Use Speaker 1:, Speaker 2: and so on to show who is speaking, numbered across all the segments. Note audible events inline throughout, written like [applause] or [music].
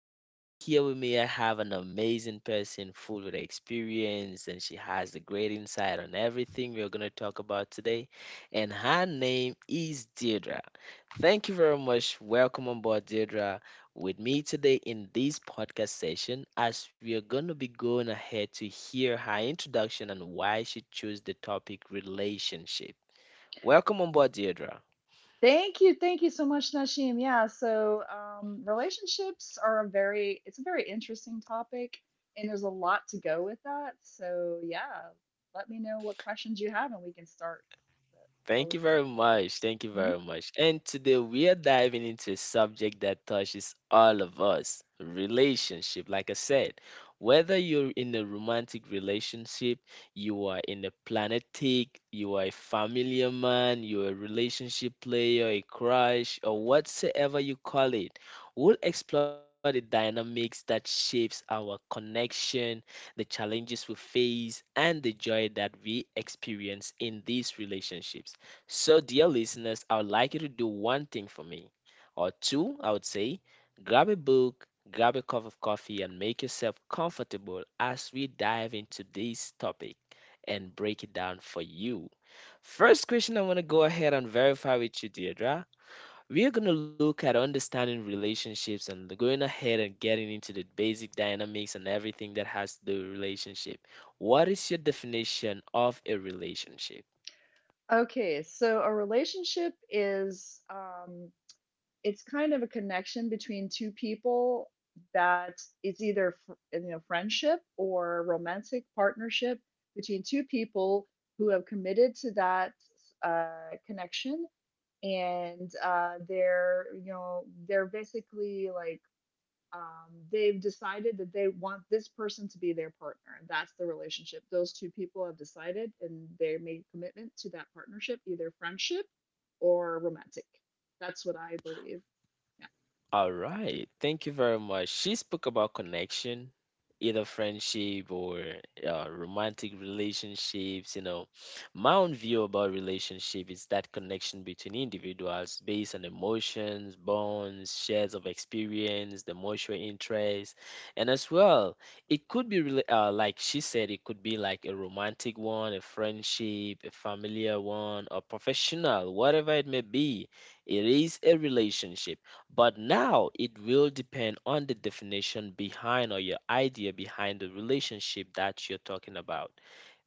Speaker 1: And over here with me, I have an amazing person full with experience, and she has a great insight on everything we are going to talk about today. And her name is Deirdre. Thank you very much. Welcome on board, Deirdre. With me today in this podcast session, as we are going to be going ahead to hear her introduction and why she chose the topic relationship. Welcome on board, Deirdre.
Speaker 2: Thank you. Thank you so much, Nashim. Yeah, relationships are it's a very interesting topic, and there's a lot to go with that. So yeah, let me know what questions you have, and we can start
Speaker 1: Thank you
Speaker 2: going
Speaker 1: very
Speaker 2: forward.
Speaker 1: much. Thank you
Speaker 2: Mhm.
Speaker 1: very much. And today we are diving into a subject that touches all of us relationship. Like I said, whether you're in a romantic relationship, you are in a planetic, you are a familiar man, you're a relationship player, a crush, or whatsoever you call it, we'll explore the dynamics that shapes our connection, the challenges we face, and the joy that we experience in these relationships. So, dear listeners, I would like you to do one thing for me, or two, I would say, grab a book, grab a cup of coffee, and make yourself comfortable as we dive into this topic and break it down for you. First question I want to go ahead and verify with you, Deirdre. We are going to look at understanding relationships and going ahead and getting into the basic dynamics and everything that has to do with relationship. What is your definition of a relationship?
Speaker 2: Okay, so a relationship is it's kind of a connection between two people that it's either you know friendship or romantic partnership between two people who have committed to that connection, and they're you know they're basically like they've decided that they want this person to be their partner, and that's the relationship those two people have decided, and they made a commitment to that partnership, either friendship or romantic. That's what I believe. Yeah.
Speaker 1: All right. Thank you very much. She spoke about connection, either friendship or romantic relationships. You know, my own view about relationship is that connection between individuals based on emotions, bonds, shares of experience, the mutual interest, and as well, it could be like she said, it could be like a romantic one, a friendship, a familiar one, or professional, whatever it may be. It is a relationship, but now it will depend on the definition behind or your idea behind the relationship that you're talking about.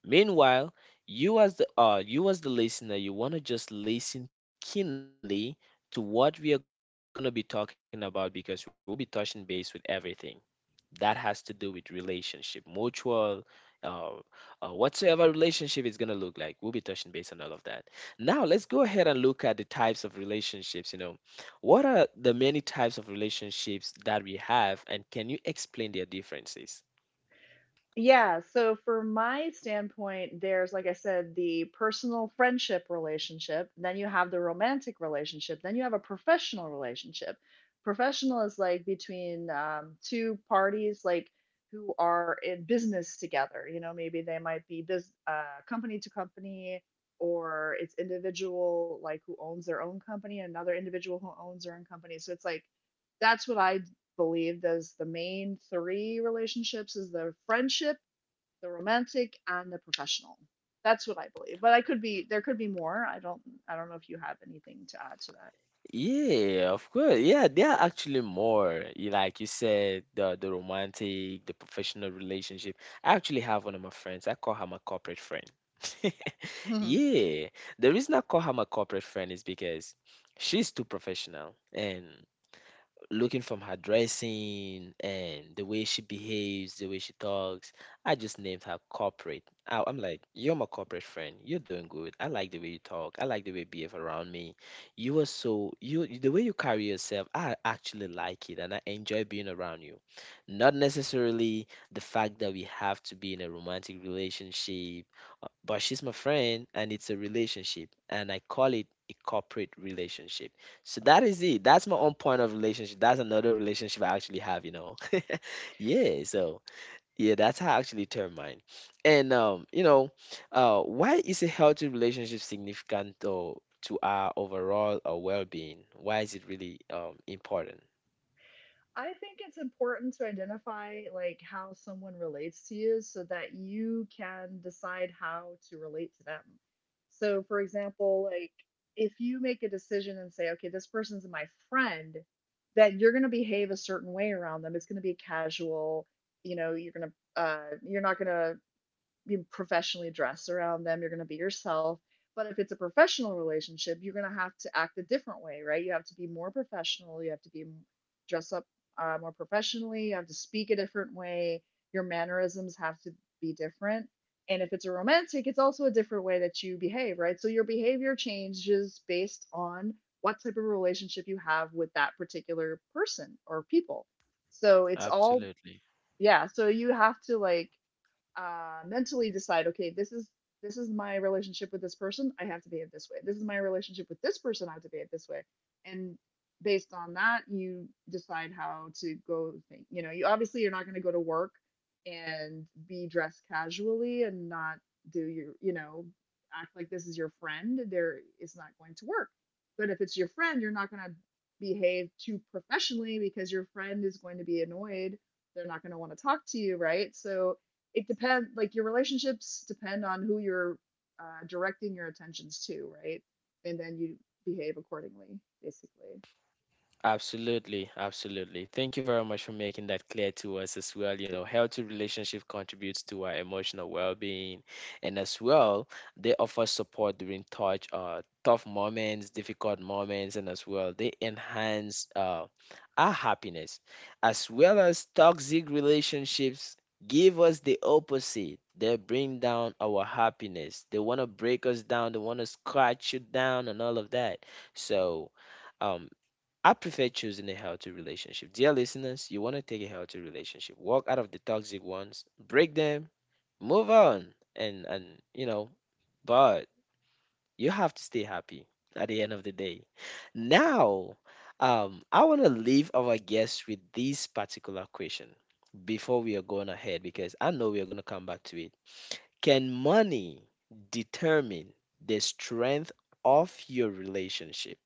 Speaker 1: Meanwhile, you as the listener, you want to just listen keenly to what we are going to be talking about because we'll be touching base with everything that has to do with relationship mutual, uh, whatsoever relationship is going to look like, we'll be touching base on all of that. Now let's go ahead and look at the types of relationships. You know, what are the many types of relationships that we have, and can you explain their differences?
Speaker 2: Yeah, so from my standpoint, there's, like I said, the personal friendship relationship, then you have the romantic relationship, then you have a professional relationship. Professional is like between two parties, like who are in business together. You know, maybe they might be bus company to company, or it's individual, like who owns their own company, another individual who owns their own company. So it's like that's what I believed as the main three relationships is the friendship, the romantic, and the professional. That's what I believe. But I could be there could be more. I don't know if you have anything to add to that. [laughs]
Speaker 1: Yeah, of course. Yeah, there are actually more. Like you said, the romantic, the professional relationship. I actually have one of my friends. I call her my corporate friend. [laughs]
Speaker 2: Mm-hmm.
Speaker 1: Yeah. The reason I call her my corporate friend is because she's too professional, and looking from her dressing and the way she behaves, the way she talks, I just named her corporate. I'm like, you're my corporate friend. You're doing good. I like the way you talk. I like the way you behave around me. You are so you, the way you carry yourself. I actually like it, and I enjoy being around you. Not necessarily the fact that we have to be in a romantic relationship, but she's my friend and it's a relationship, and I call it a corporate relationship. So that is it. That's my own point of relationship. That's another relationship I actually have, you know. [laughs] Yeah. So yeah, that's how I actually term mine. And you know, why is a healthy relationship significant though to our overall well-being? Why is it really important?
Speaker 2: I think it's important to identify like how someone relates to you so that you can decide how to relate to them. So for example, like if you make a decision and say, okay, this person's my friend, then you're going to behave a certain way around them. It's going to be casual, you know, you're going to you're not going to be professionally dressed around them. You're going to be yourself. But if it's a professional relationship, you're going to have to act a different way, right? You have to be more professional. You have to be dress up more professionally. You have to speak a different way. Your mannerisms have to be different. And if it's a romantic, it's also a different way that you behave, right? So your behavior changes based on what type of relationship you have with that particular person or people. So it's all,
Speaker 1: Absolutely.
Speaker 2: yeah. So you have to like mentally decide, okay, this is my relationship with this person. I have to behave this way. This is my relationship with this person. I have to behave this way. And based on that, you decide how to go. Think. You know, you obviously you're not going to go to work and be dressed casually and not do your, you know, act like this is your friend. There, it's not going to work. But if it's your friend, you're not going to behave too professionally because your friend is going to be annoyed. They're not going to want to talk to you, right? So it depends, like your relationships depend on who you're directing your attentions to, right? And then you behave accordingly, basically.
Speaker 1: Absolutely, absolutely. Thank you very much for making that clear to us as well. You know, healthy relationship contributes to our emotional well-being, and as well, they offer support during tough moments, difficult moments, and as well, they enhance our happiness, as well as toxic relationships give us the opposite. They bring down our happiness. They want to break us down. They want to scratch you down and all of that. So. Um, I prefer choosing a healthy relationship. Dear listeners, you want to take a healthy relationship. Walk out of the toxic ones, break them, move on. And you know, but you have to stay happy at the end of the day. Now, I want to leave our guests with this particular question before we are going ahead, because I know we are going to come back to it. Can money determine the strength of your relationship?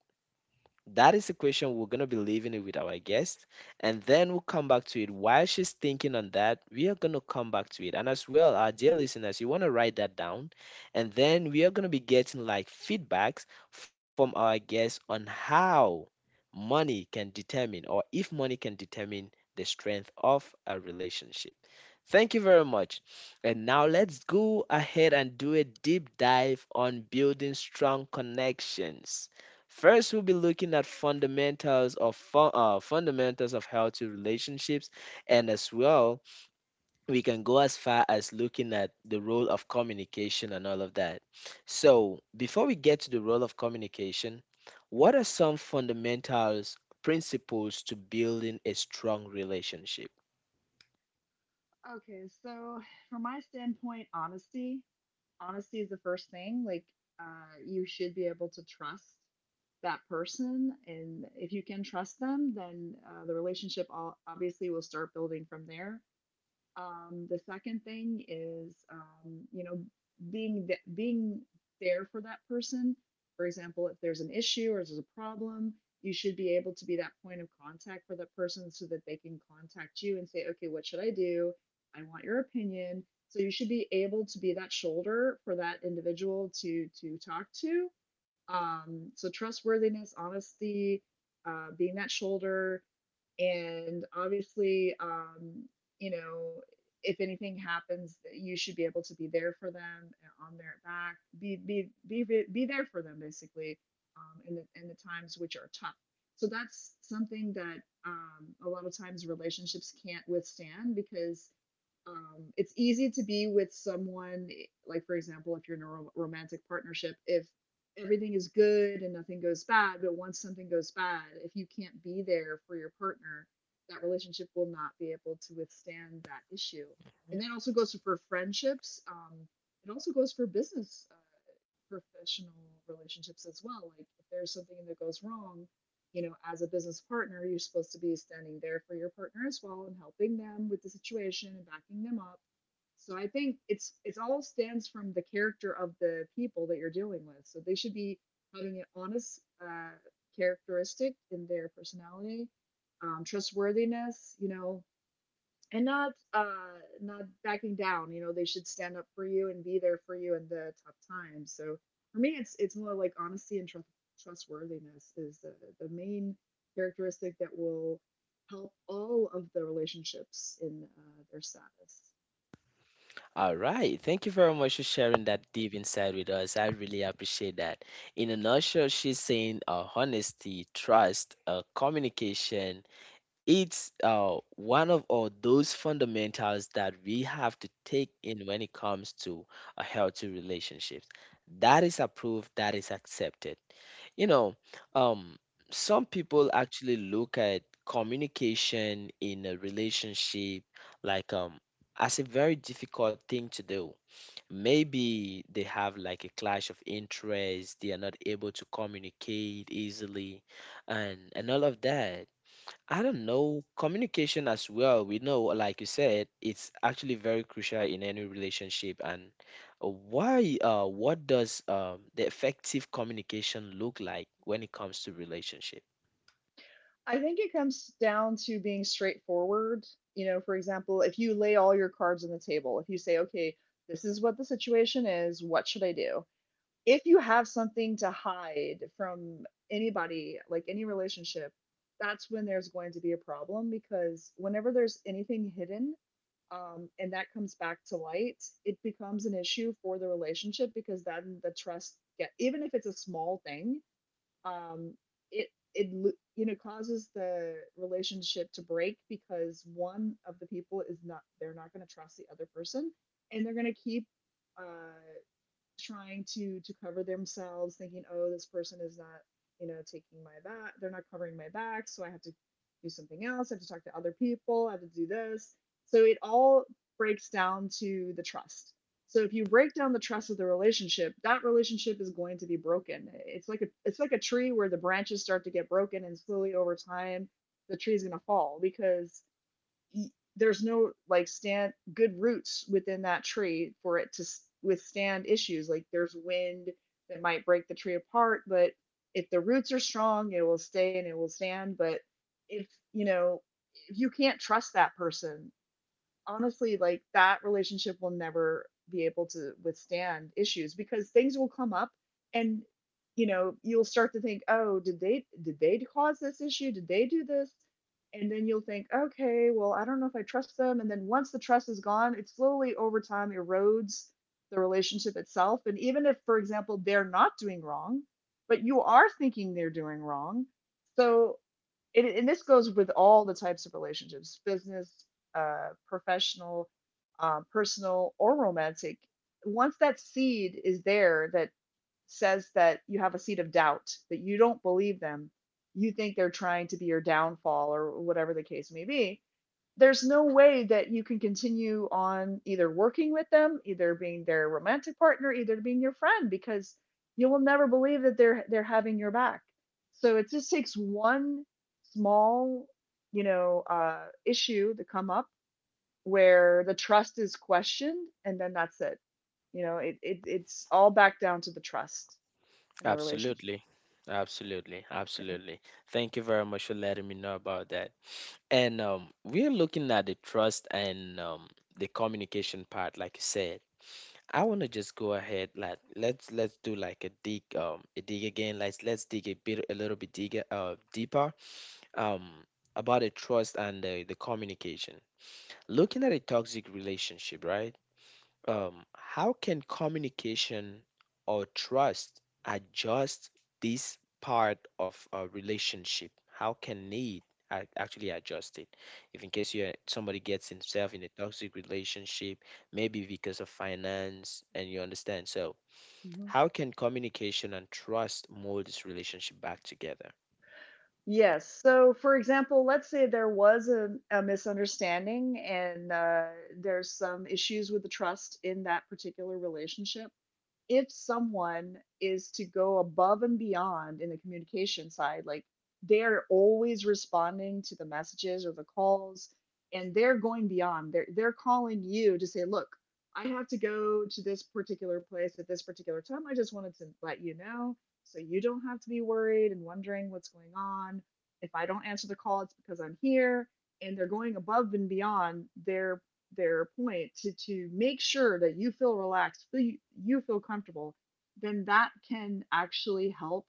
Speaker 1: That is a question we're going to be leaving it with our guest. And then we'll come back to it. While she's thinking on that, we are going to come back to it. And as well, our dear listeners, you want to write that down. And then we are going to be getting like feedbacks from our guests on how money can determine, or if money can determine the strength of a relationship. Thank you very much. And now let's go ahead and do a deep dive on building strong connections. First, we'll be looking at fundamentals of healthy relationships, and as well, we can go as far as looking at the role of communication and all of that. So, before we get to the role of communication, what are some fundamentals principles to building a strong relationship?
Speaker 2: Okay, so from my standpoint, honesty is the first thing. Like you should be able to trust that person, and if you can trust them, then the relationship all obviously will start building from there. The second thing is, you know, being there for that person. For example, if there's an issue or there's a problem, you should be able to be that point of contact for that person so that they can contact you and say, okay, what should I do? I want your opinion. So you should be able to be that shoulder for that individual to talk to. So trustworthiness, honesty, being that shoulder, and obviously, you know, if anything happens, you should be able to be there for them on their back, be there for them basically, in the times which are tough. So that's something that a lot of times relationships can't withstand because it's easy to be with someone, like for example, if you're in a romantic partnership, if everything is good and nothing goes bad. But once something goes bad, if you can't be there for your partner, that relationship will not be able to withstand that issue. And that also goes for friendships. It also goes for business professional relationships as well. Like if there's something that goes wrong, you know, as a business partner, you're supposed to be standing there for your partner as well and helping them with the situation and backing them up. So I think it's all stands from the character of the people that you're dealing with. So they should be having an honest characteristic in their personality, trustworthiness, you know, and not backing down. You know, they should stand up for you and be there for you in the tough times. So for me, it's more like honesty and trustworthiness is the main characteristic that will help all of the relationships in their status.
Speaker 1: All right. Thank you very much for sharing that deep insight with us. I really appreciate that. In a nutshell, she's saying honesty, trust, communication. It's one of all those fundamentals that we have to take in when it comes to a healthy relationships, that is approved, that is accepted, you know. um some people actually look at communication in a relationship like, as a very difficult thing to do. Maybe they have like a clash of interest, they are not able to communicate easily, and all of that. I don't know. Communication as well, we know, like you said, it's actually very crucial in any relationship. And what does the effective communication look like when it comes to relationship?
Speaker 2: I think it comes down to being straightforward. You know, for example, if you lay all your cards on the table, if you say, okay, this is what the situation is, what should I do? If you have something to hide from anybody, like any relationship, that's when there's going to be a problem, because whenever there's anything hidden, and that comes back to light, it becomes an issue for the relationship, because then the trust get, even if it's a small thing, um, it it you know causes the relationship to break because one of the people is not they're not going to trust the other person, and they're going to keep uh, trying to cover themselves, thinking, "Oh, this person is not, you know, taking my back. They're not covering my back, so I have to do something else. I have to talk to other people. I have to do this." So it all breaks down to the trust. So if you break down the trust with a relationship, that relationship is going to be broken. It's like a tree where the branches start to get broken and slowly over time the tree is going to fall because there's no like stand good roots within that tree for it to withstand issues. Like there's wind that might break the tree apart, but if the roots are strong, it will stay and it will stand. But if you know if you can't trust that person honestly, like that relationship will never be able to withstand issues, because things will come up, and you know you'll start to think, oh, did they cause this issue, did they do this? And then you'll think, okay, well, I don't know if I trust them, and then once the trust is gone, it slowly over time erodes the relationship itself. And even if for example they're not doing wrong, but you are thinking they're doing wrong, so it, and this goes with all the types of relationships, business professional, personal or romantic. Once that seed is there, that says that you have a seed of doubt, that you don't believe them, you think they're trying to be your downfall or whatever the case may be, there's no way that you can continue on either working with them, either being their romantic partner, either being your friend, because you will never believe that they're having your back. So it just takes one small, you know, issue to come up where the trust is questioned, and then that's it. You know, it's all back down to the trust and the relationship.
Speaker 1: Absolutely. Absolutely.
Speaker 2: Yeah.
Speaker 1: Absolutely. Thank you very much for letting me know about that. And we're looking at the trust and the communication part, like you said. I want to just go ahead like, let's do like a dig again. Let's dig a bit, a little bit, dig deeper um about the trust and the communication, looking at a toxic relationship, right? How can communication or trust adjust this part of a relationship? How can need actually adjust it? If in case you somebody gets himself in a toxic relationship, maybe because of finance, and you understand. So,
Speaker 2: Mhm.
Speaker 1: how can communication and trust mold this relationship back together?
Speaker 2: Yes. So, for example, let's say there was a misunderstanding, and there's some issues with the trust in that particular relationship. If someone is to go above and beyond in the communication side, like they're always responding to the messages or the calls, and they're going beyond. They're calling you to say, look, I have to go to this particular place at this particular time. I just wanted to let you know so you don't have to be worried and wondering what's going on. If I don't answer the call, it's because I'm here. And they're going above and beyond their point to make sure that you feel relaxed, you feel comfortable, then that can actually help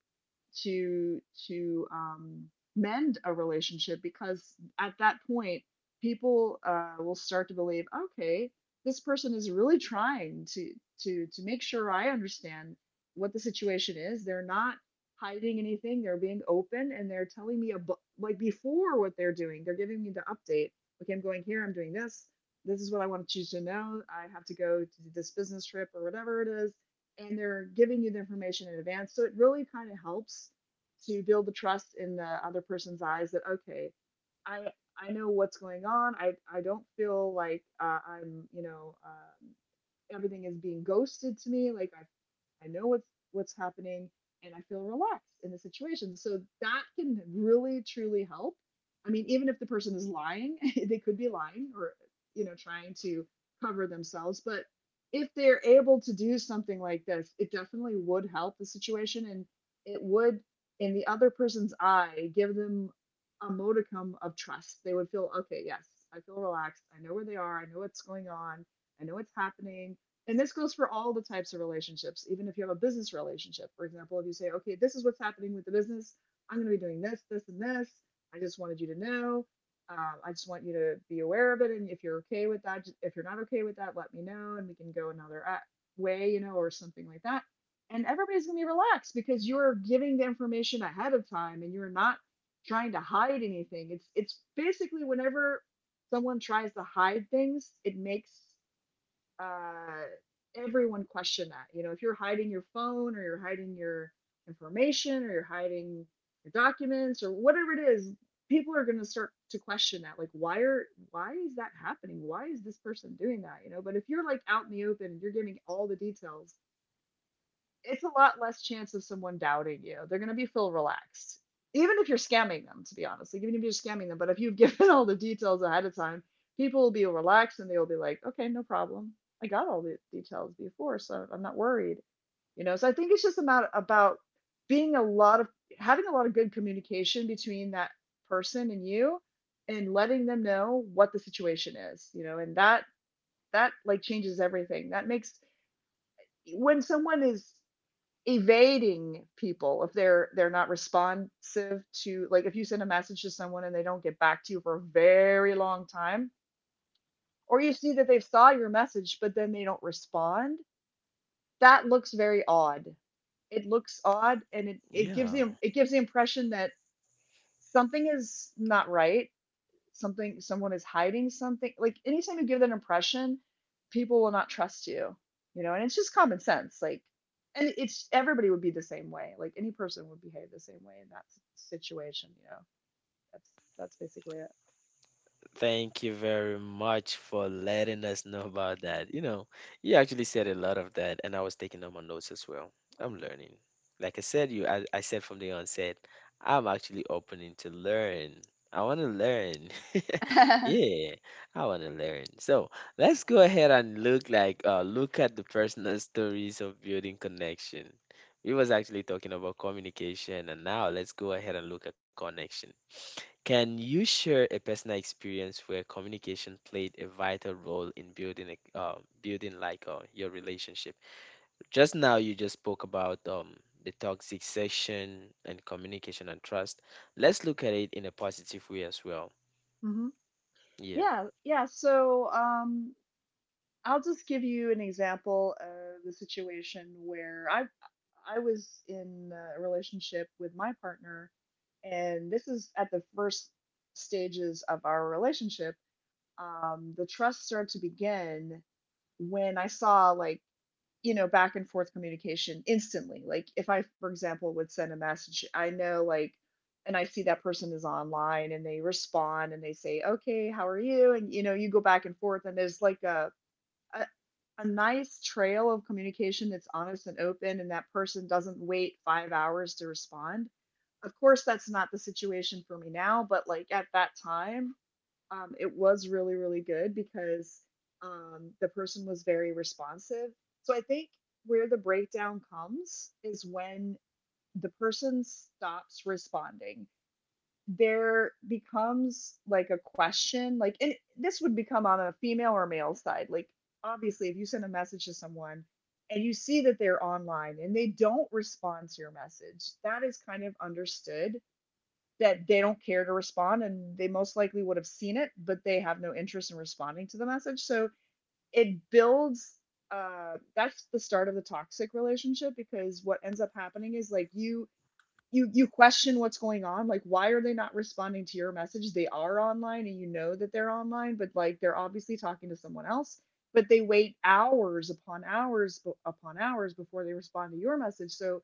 Speaker 2: to to um, mend a relationship, because at that point people will start to believe, okay, this person is really trying to make sure I understand what the situation is. They're not hiding anything. They're being open and they're telling me about like before what they're doing. They're giving me the update. Okay, I'm going here. I'm doing this is what I want to choose to know. I have to go to this business trip or whatever it is. And they're giving you the information in advance. So it really kind of helps to build the trust in the other person's eyes that, okay, I, I know what's going on. I don't feel like I'm, everything is being ghosted to me. Like I know what's happening and I feel relaxed in the situation. So that can really truly help. I mean, even if the person is lying, [laughs] they could be lying or trying to cover themselves, but if they're able to do something like this, it definitely would help the situation, and it would, in the other person's eye, give them a modicum of trust. They would feel, okay, yes, I feel relaxed. I know where they are. I know what's going on. I know what's happening. And this goes for all the types of relationships, even if you have a business relationship. For example, if you say, okay, this is what's happening with the business, I'm going to be doing this, this, and this. I just wanted you to know. I just want you to be aware of it. And if you're okay with that, if you're not okay with that, let me know and we can go another way, or something like that. And everybody's going to be relaxed because you're giving the information ahead of time and you're not trying to hide anything. It's basically whenever someone tries to hide things, it makes uh, everyone question that. You know, if you're hiding your phone or you're hiding your information or you're hiding your documents or whatever it is, people are going to start to question that. Like, why is that happening? Why is this person doing that? You know, but if you're like out in the open and you're giving all the details, it's a lot less chance of someone doubting you. They're going to be feel relaxed. Even if you're scamming them, to be honest, like even if you're scamming them, but if you've [laughs] given all the details ahead of time, people will be relaxed and they will be like, okay, no problem. I got all the details before, so I'm not worried. You know, so I think it's just about being a lot of having a lot of good communication between that person and you, and letting them know what the situation is, you know. And that like changes everything. That makes, when someone is evading people, if they're not responsive, to like, if you send a message to someone and they don't get back to you for a very long time, or you see that they saw your message but then they don't respond, that looks very odd. It looks odd, and it gives
Speaker 1: Yeah.
Speaker 2: the, it gives the impression that something is not right. Something, someone is hiding something. Like anytime you give that impression, people will not trust you, you know. And it's just common sense, like, and it's everybody would be the same way, like any person would behave the same way in that situation, you know. That's that's basically
Speaker 1: Thank you very much for letting us know about that. You know, you actually said a lot of that, and I was taking down my notes as well. I'm learning. Like I said, you, I said from the onset, I'm actually opening to learn. I want to learn. [laughs]
Speaker 2: it.
Speaker 1: Yeah, I want to learn. So let's go ahead and look like look at the personal stories of building connection. We was actually talking about communication, and now let's go ahead and look at connection. Can you share a personal experience where communication played a vital role in building a building like your relationship? Just now, you just spoke about the toxic section and communication and trust. Let's look at it in a positive way as well.
Speaker 2: [laughs] Mhm.
Speaker 1: Yeah,
Speaker 2: Yeah, yeah. I'll just give you an example of the situation where I was in a relationship with my partner, and this is at the first stages of our relationship. The trust started to begin when I saw like, back and forth communication instantly. Like if I, for example, would send a message, I know, like, and I see that person is online and they respond and they say, "Okay, how are you?" and you know, you go back and forth and there's like a a nice trail of communication that's honest and open, and that person doesn't wait 5 hours to respond. Of course that's not the situation for me now, but like at that time, it was really really good because the person was very responsive. So I think where the breakdown comes is when the person stops responding. There becomes like a question, like, and this would become on a female or male side, like obviously if you send a message to someone and you see that they're online and they don't respond to your message, that is kind of understood that they don't care to respond and they most likely would have seen it but they have no interest in responding to the message. So it builds, that's the start of the toxic relationship, because what ends up happening is like you, you question what's going on, like why are they not responding to your message? They are online and you know that they're online, but like they're obviously talking to someone else, but they wait hours upon hours upon hours before they respond to your message. So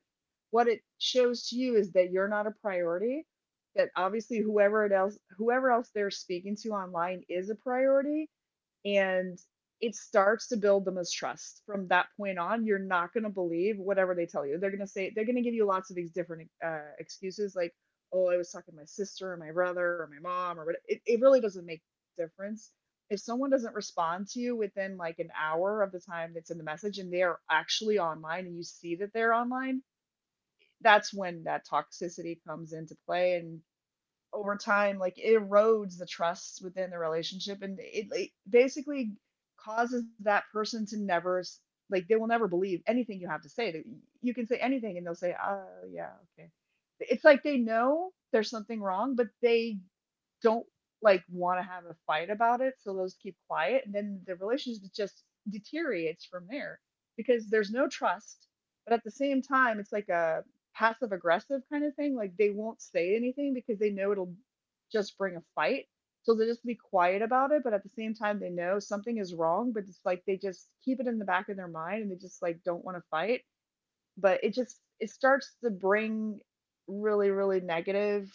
Speaker 2: what it shows to you is that you're not a priority, that obviously whoever else they're speaking to online is a priority. And it starts to build the mistrust from that point on. You're not going to believe whatever they tell you. They're going to say, they're going to give you lots of these different excuses, like, oh I was talking to my sister or my brother or my mom or what, it really doesn't make a difference. If someone doesn't respond to you within like an hour of the time that's in the message, and they are actually online and you see that they're online, that's when that toxicity comes into play. And over time, like, it erodes the trust within the relationship, and it basically causes that person to never, like they will never believe anything you have to say. They- you can say anything and they'll say, oh, yeah, okay. It's like they know there's something wrong, but they don't like want to have a fight about it, so they'll just keep quiet, and then the relationship just deteriorates from there because there's no trust. But at the same time, it's like a passive aggressive kind of thing. Like they won't say anything because they know it'll just bring a fight. So they'll just be quiet about it, but at the same time they know something is wrong, but it's like they just keep it in the back of their mind and they just like don't want to fight. But it just, it starts to bring really, really negative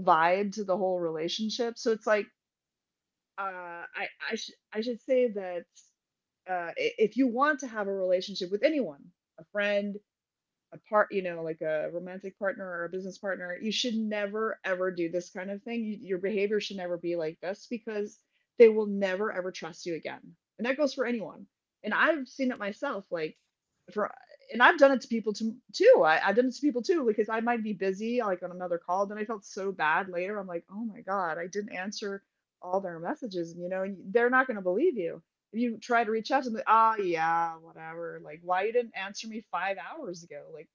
Speaker 2: vibe to the whole relationship. So it's like, uh I should say that uh if you want to have a relationship with anyone, a friend, a part, you know, like a romantic partner or a business partner, you should never ever do this kind of thing. You, your behavior should never be like this, because they will never ever trust you again. And that goes for anyone. And I've seen it myself, like for, and I've done it to people to, too. I've done it to people too, because I might be busy like on another call. Then I felt so bad later. I'm like, oh my god, I didn't answer all their messages. And you know, they're not going to believe you. You try to reach out to them, ah, oh, yeah, whatever. Like, why you didn't answer me 5 hours ago? Like,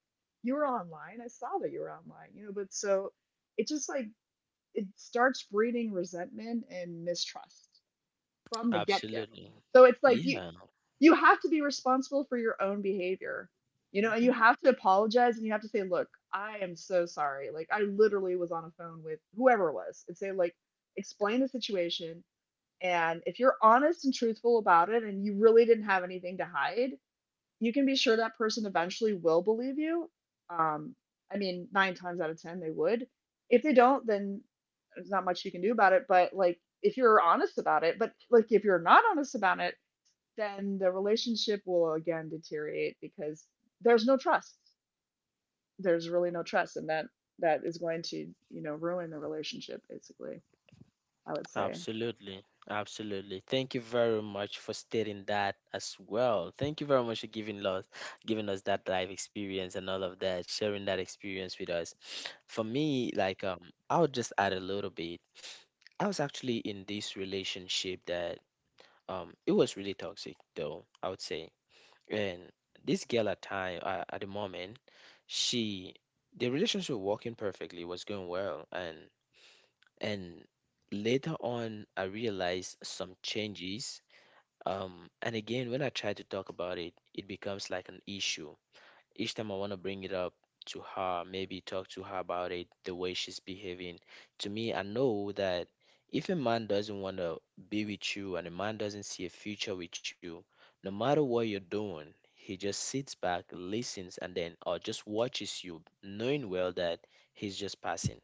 Speaker 2: you were online. I saw that you were online, you know. But so it just like, it starts breeding resentment and mistrust from the get go.
Speaker 1: absolutely.
Speaker 2: So it's like you,
Speaker 1: Yeah.
Speaker 2: you have to be responsible for your own behavior, you know, and you
Speaker 1: Mm-hmm.
Speaker 2: have to apologize and you have to say, look, I am so sorry. Like, I literally was on a phone with whoever it was, and say, like, explain the situation. And if you're honest and truthful about it and you really didn't have anything to hide, you can be sure that person eventually will believe you. Um, I mean, nine times out of 10, they would. If they don't, then there's not much you can do about it. But like, if you're honest about it, but like, if you're not honest about it, then the relationship will again deteriorate because there's no trust. There's really no trust. And that is going to, you know, ruin the relationship, basically, I would say.
Speaker 1: Absolutely. Absolutely. Thank you very much for stating that as well. Thank you very much for giving us that life experience and all of that, sharing that experience with us. For me, like, I'll just add a little bit. I was actually in this relationship that, it was really toxic though, I would say. And this girl at time at the moment, she the relationship was working perfectly, was going well, and later on I realized some changes, um, and again, when I try to talk about it, it becomes like an issue. Each time I want to bring it up to her, maybe talk to her about it, the way she's behaving to me, I know that if a man doesn't want to be with you and a man doesn't see a future with you, no matter what you're doing, he just sits back, listens, and then or just watches you, knowing well that he's just passing.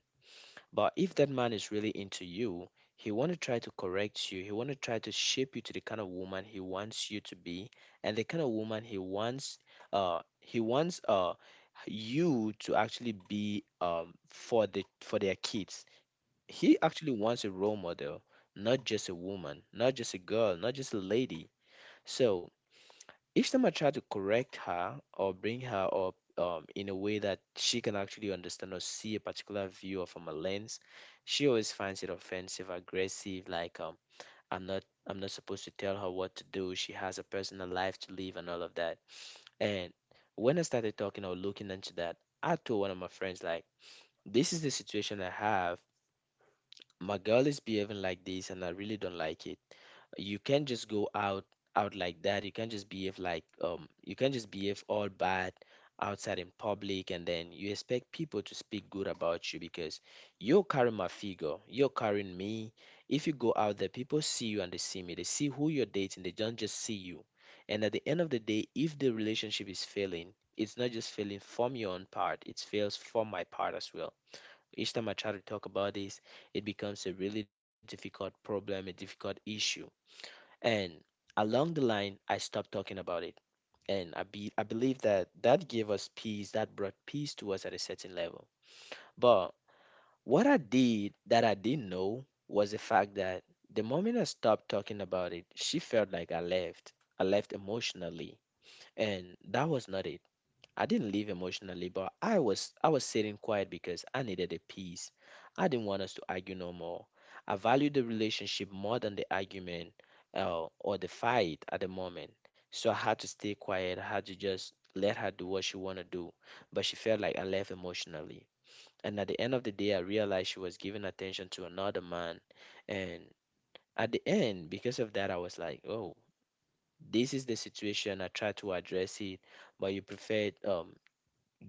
Speaker 1: But if that man is really into you, he want to try to correct you. He want to try to shape you to the kind of woman he wants you to be, and the kind of woman he wants, he wants you to actually be for the for their kids. He actually wants a role model, not just a woman, not just a girl, not just a lady. So each time I try to correct her or bring her up, in a way that she can actually understand or see a particular view or from a lens, she always finds it offensive, aggressive, like, I'm not supposed to tell her what to do. She has a personal life to live and all of that. And when I started talking or looking into that, I told one of my friends, like, this is the situation I have. My girl is behaving like this and I really don't like it. You can't just go out like that. You can't just behave like you can't just behave all bad outside in public and then you expect people to speak good about you because you're carrying my figure, you're carrying me. If you go out there, people see you and they see me. They see who you're dating, they don't just see you. And at the end of the day, if the relationship is failing, it's not just failing from your own part, it fails from my part as well. Each time I try to talk about this, it becomes a really difficult problem, a difficult issue, and along the line, I stopped talking about it. And I believe that that gave us peace, that brought peace to us at a certain level. But what I did that I didn't know was the fact that the moment I stopped talking about it, she felt like I left. I left emotionally. And that was not it. I didn't leave emotionally, but I was sitting quiet because I needed a peace. I didn't want us to argue no more. I valued the relationship more than the argument or the fight at the moment. So I had to stay quiet. I had to just let her do what she want to do. But she felt like I left emotionally. And at the end of the day, I realized she was giving attention to another man. And at the end, because of that, I was like, oh, this is the situation. I tried to address it, but you preferred,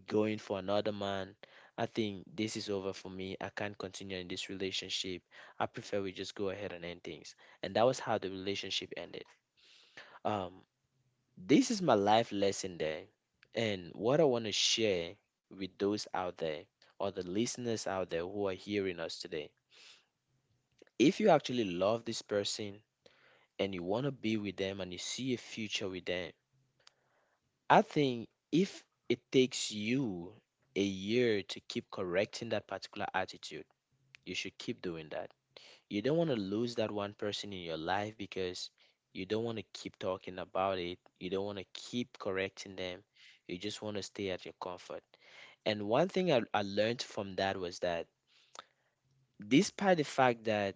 Speaker 1: going for another man. I think this is over for me. I can't continue in this relationship. I prefer we just go ahead and end things. And that was how the relationship ended. Um, this is my life lesson there. And what I want to share with those out there or the listeners out there who are hearing us today. If you actually love this person and you want to be with them and you see a future with them, I think if it takes you a year to keep correcting that particular attitude, you should keep doing that. You don't want to lose that one person in your life because you don't want to keep talking about it. You don't want to keep correcting them. You just want to stay at your comfort. And one thing I learned from that was that despite the fact that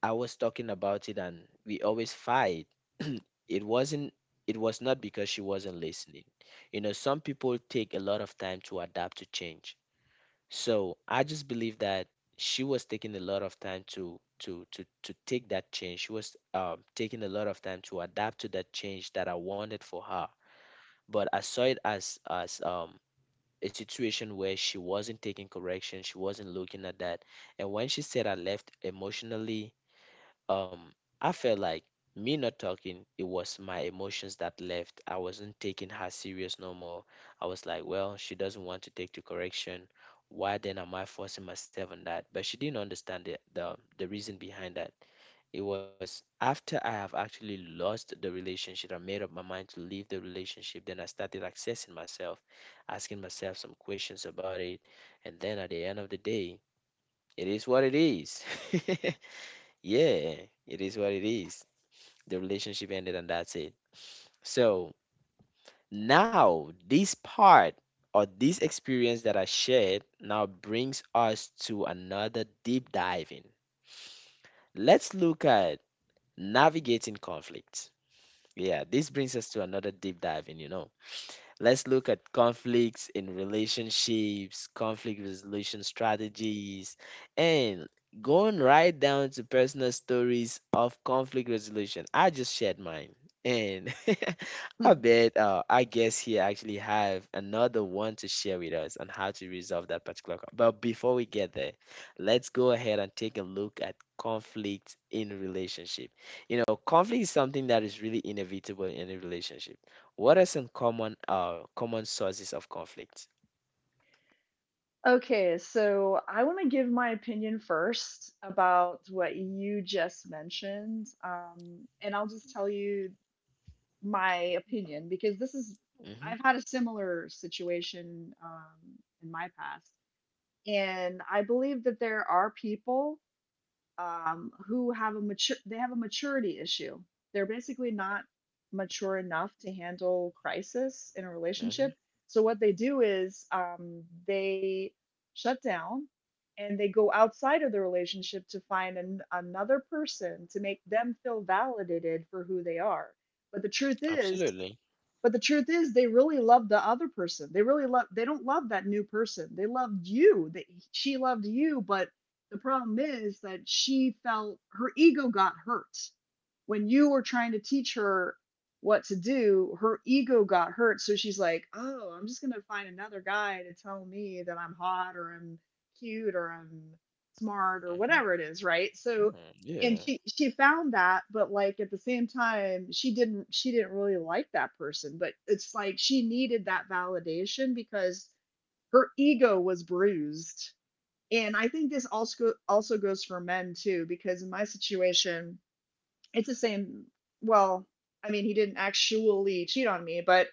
Speaker 1: I was talking about it and we always fight, [clears throat] it wasn't it was not because she wasn't listening. You know, some people take a lot of time to adapt to change. So I just believe that she was taking a lot of time to take that change. She was, taking a lot of time to adapt to that change that I wanted for her. But I saw it as a situation where she wasn't taking correction, she wasn't looking at that. And when she said I left emotionally, um, I felt like me not talking, it was my emotions that left. I wasn't taking her serious no more. I was like, well, she doesn't want to take the correction. Why then am I forcing myself on that? But she didn't understand the reason behind that. It was after I have actually lost the relationship, I made up my mind to leave the relationship. Then I started accessing myself, asking myself some questions about it, and then at the end of the day, it is what it is. [laughs] Yeah, it is what it is. The relationship ended and that's it. So now this part or this experience that I shared now brings us to another deep diving. Let's look at navigating conflict. Yeah, this brings us to another deep diving, you know. Let's look at conflicts in relationships, conflict resolution strategies, and going right down to personal stories of conflict resolution. I just shared mine. And [laughs] I
Speaker 2: Hmm.
Speaker 1: bet, I guess he actually have another one to share with us on how to resolve that particular. But before we get there, let's go ahead and take a look at conflict in relationship. You know, conflict is something that is really inevitable in a relationship. What are some common sources of conflict?
Speaker 2: Okay, so I want to give my opinion first about what you just mentioned. And I'll just tell you my opinion because this is,
Speaker 1: Hmm.
Speaker 2: I've had a similar situation in my past. And I believe that there are people who have a mature they have a maturity issue. They're basically not mature enough to handle crisis in a
Speaker 1: Hmm.
Speaker 2: relationship. So what they do is they shut down and they go outside of the relationship to find another person to make them feel validated for who they are. But the truth is,
Speaker 1: Absolutely.
Speaker 2: but the truth is, they really love the other person. They really love. They don't love that new person. They loved you. She loved you, but the problem is that she felt her ego got hurt when you were trying to teach her what to do, her ego got hurt. So she's like, oh, I'm just going to find another guy to tell me that I'm hot or I'm cute or I'm smart or
Speaker 1: Hmm.
Speaker 2: whatever it is. Right. So, and
Speaker 1: Yeah.
Speaker 2: she found that, but like at the same time, she didn't really like that person, but it's like she needed that validation because her ego was bruised. And I think this also goes for men too, because in my situation, it's the same. Well, I mean, he didn't actually cheat on me, but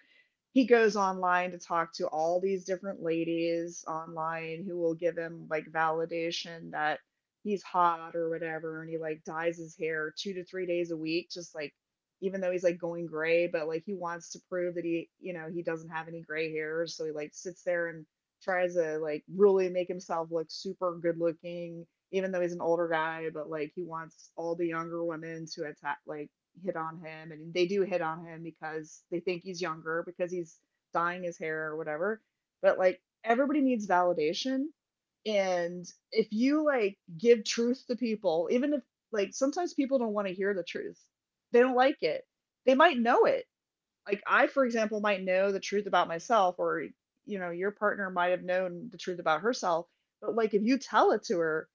Speaker 2: he goes online to talk to all these different ladies online who will give him like validation that he's hot or whatever. And he like dyes his hair 2 to 3 days a week, just like even though he's like going gray, but like he wants to prove that he, you know, he doesn't have any gray hairs. So he like sits there and tries to like really make himself look super good looking even though he's an older guy, but like he wants all the younger women to attack, like hit on him, and they do hit on him because they think he's younger because he's dyeing his hair or whatever. But like everybody needs validation, and if you like give truth to people, even if like sometimes people don't want to hear the truth, they don't like it. They might know it, like I, for example, might know the truth about myself, or you know, your partner might have known the truth about herself. But like if you tell it to her,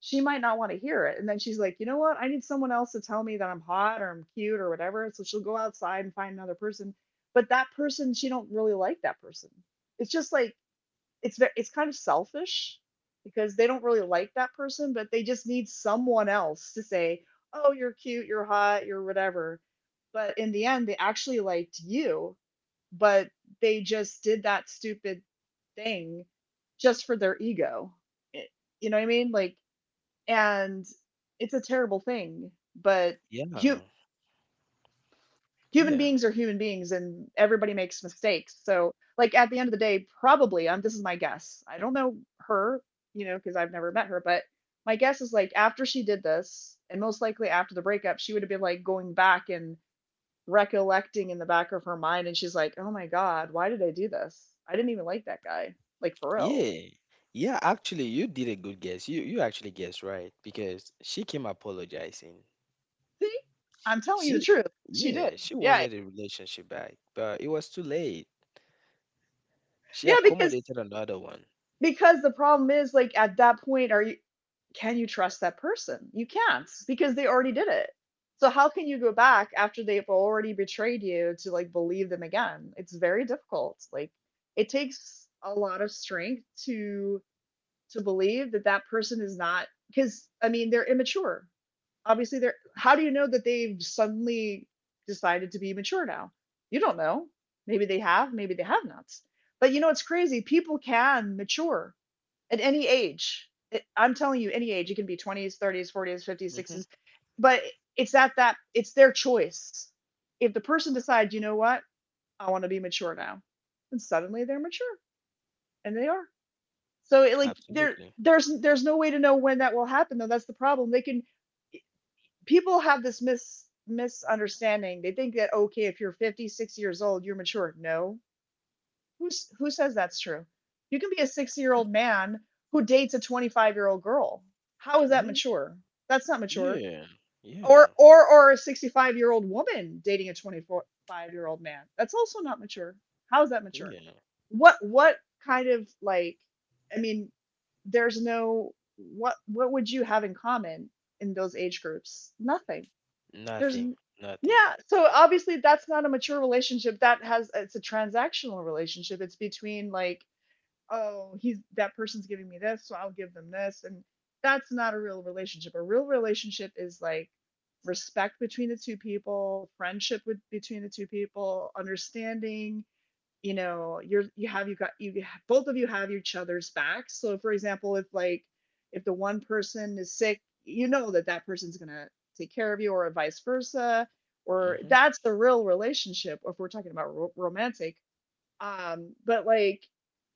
Speaker 2: she might not want to hear it. And then she's like, you know what? I need someone else to tell me that I'm hot or I'm cute or whatever. So she'll go outside and find another person. But that person, she don't really like that person. It's just like it's kind of selfish because they don't really like that person, but they just need someone else to say, "Oh, you're cute, you're hot, you're whatever." But in the end, they actually liked you, but they just did that stupid thing just for their ego. It- you know what I mean? Like and it's a terrible thing but hu-
Speaker 1: Yeah.
Speaker 2: human beings are human beings and
Speaker 1: Yeah.
Speaker 2: everybody makes mistakes so like at the end of the day probably this is my guess, I don't know her, you know, because I've never met her, but my guess is like after she did this and most likely after the breakup she would have been like going back and recollecting in the back of her mind and she's like, oh my god, why did I do this? I didn't even like that guy, like for real.
Speaker 1: Yeah. Yeah, actually you did a good guess. You actually guessed right because she came apologizing.
Speaker 2: See, I'm telling you the
Speaker 1: She,
Speaker 2: truth. She did.
Speaker 1: yeah, she
Speaker 2: Yeah.
Speaker 1: wanted a relationship back, but it was too late. She
Speaker 2: Yeah,
Speaker 1: accommodated another one.
Speaker 2: because the problem is like at that point are you can you trust that person? You can't because they already did it. So how can you go back after they've already betrayed you to like believe them again? It's very difficult. Like it takes a lot of strength to believe that that person is not because I mean they're immature obviously they're how do you know that they've suddenly decided to be mature now? You don't know. Maybe they have, maybe they have not, but you know it's crazy, people can mature at any age. I'm telling you, any age. You can be 20s, 30s, 40s, 50s,
Speaker 1: Hmm.
Speaker 2: 60s, but it's at that it's their choice. If the person decides, you know what, I want to be mature now, and suddenly they're mature, and they are, so like
Speaker 1: Absolutely.
Speaker 2: there's no way to know when that will happen though. That's the problem. They can, people have this misunderstanding. They think that okay, if you're 50, 60 years old, you're mature. No. Who says that's true? You can be a 60-year-old man who dates a 25-year-old girl. How is that
Speaker 1: Hmm.
Speaker 2: mature? That's not mature.
Speaker 1: Yeah.
Speaker 2: Or
Speaker 1: Yeah.
Speaker 2: or or a 65-year-old woman dating a 25-year-old man. That's also not mature. How is that mature?
Speaker 1: Yeah.
Speaker 2: What kind of like I mean, there's no what would you have in common in those age groups? Nothing. There's
Speaker 1: Nothing. Nothing.
Speaker 2: yeah, so obviously that's not a mature relationship. That has it's a transactional relationship. It's between like, oh, he's that person's giving me this, so I'll give them this and that's not a real relationship. A real relationship is like respect between the two people, friendship between the two people, understanding, you know you're you have you got you both of you have each other's backs. So for example if like if the one person is sick, you know that that person's going to take care of you or vice versa, or
Speaker 1: Hmm.
Speaker 2: that's the real relationship if we're talking about romantic, but like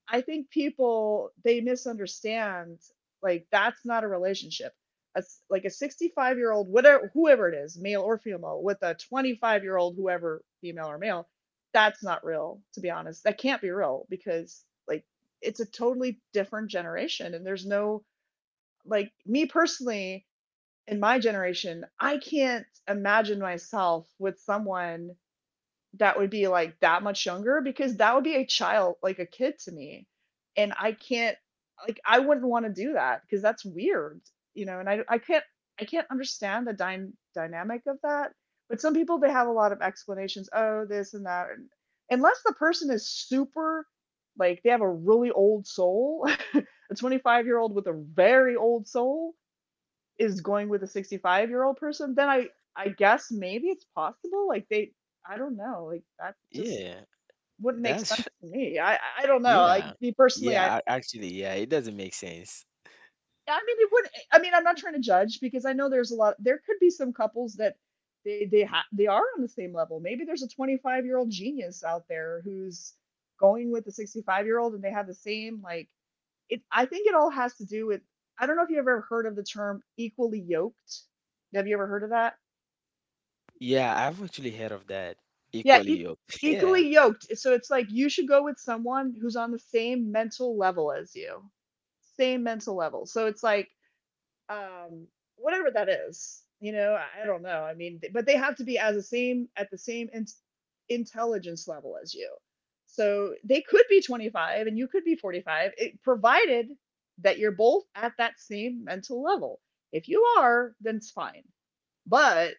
Speaker 2: I think people they misunderstand, like that's not a relationship. Like a 65-year-old whatever whoever it is, male or female, with a 25-year-old whoever female or male, that's not real. To be honest, that can't be real because like it's a totally different generation and there's no like me personally, in my generation, I can't imagine myself with someone that would be like that much younger because that would be a child, like a kid to me. And I can't like I wouldn't want to do that because that's weird, you know, and I can't understand the dynamic of that. But some people they have a lot of explanations, oh, this and that. And unless the person is super like they have a really old soul, [laughs] a 25-year-old with a very old soul, is going with a 65-year-old person, then I guess maybe it's possible. Like they, I don't know. Like that just
Speaker 1: Yeah.
Speaker 2: wouldn't make
Speaker 1: That's,
Speaker 2: sense to me. I don't know.
Speaker 1: yeah.
Speaker 2: Like me personally,
Speaker 1: Yeah, actually, yeah, it doesn't make sense.
Speaker 2: I mean it would. I mean I'm not trying to judge because I know there's a lot. There could be some couples that they they are on the same level. Maybe there's a 25-year-old genius out there who's going with the 65-year-old and they have the same like it. I think it all has to do with. I don't know if you ever heard of the term equally yoked. Have you ever heard of that?
Speaker 1: Yeah, I've actually heard of that.
Speaker 2: Yeah,
Speaker 1: Equally yoked. [laughs] Yeah.
Speaker 2: equally yoked. So it's like you should go with someone who's on the same mental level as you. Same mental level. So it's like um whatever that is. You know, I don't know. I mean, but they have to be as the same at the same intelligence level as you. So they could be 25 and you could be 45, it, provided that you're both at that same mental level. If you are, then it's fine. But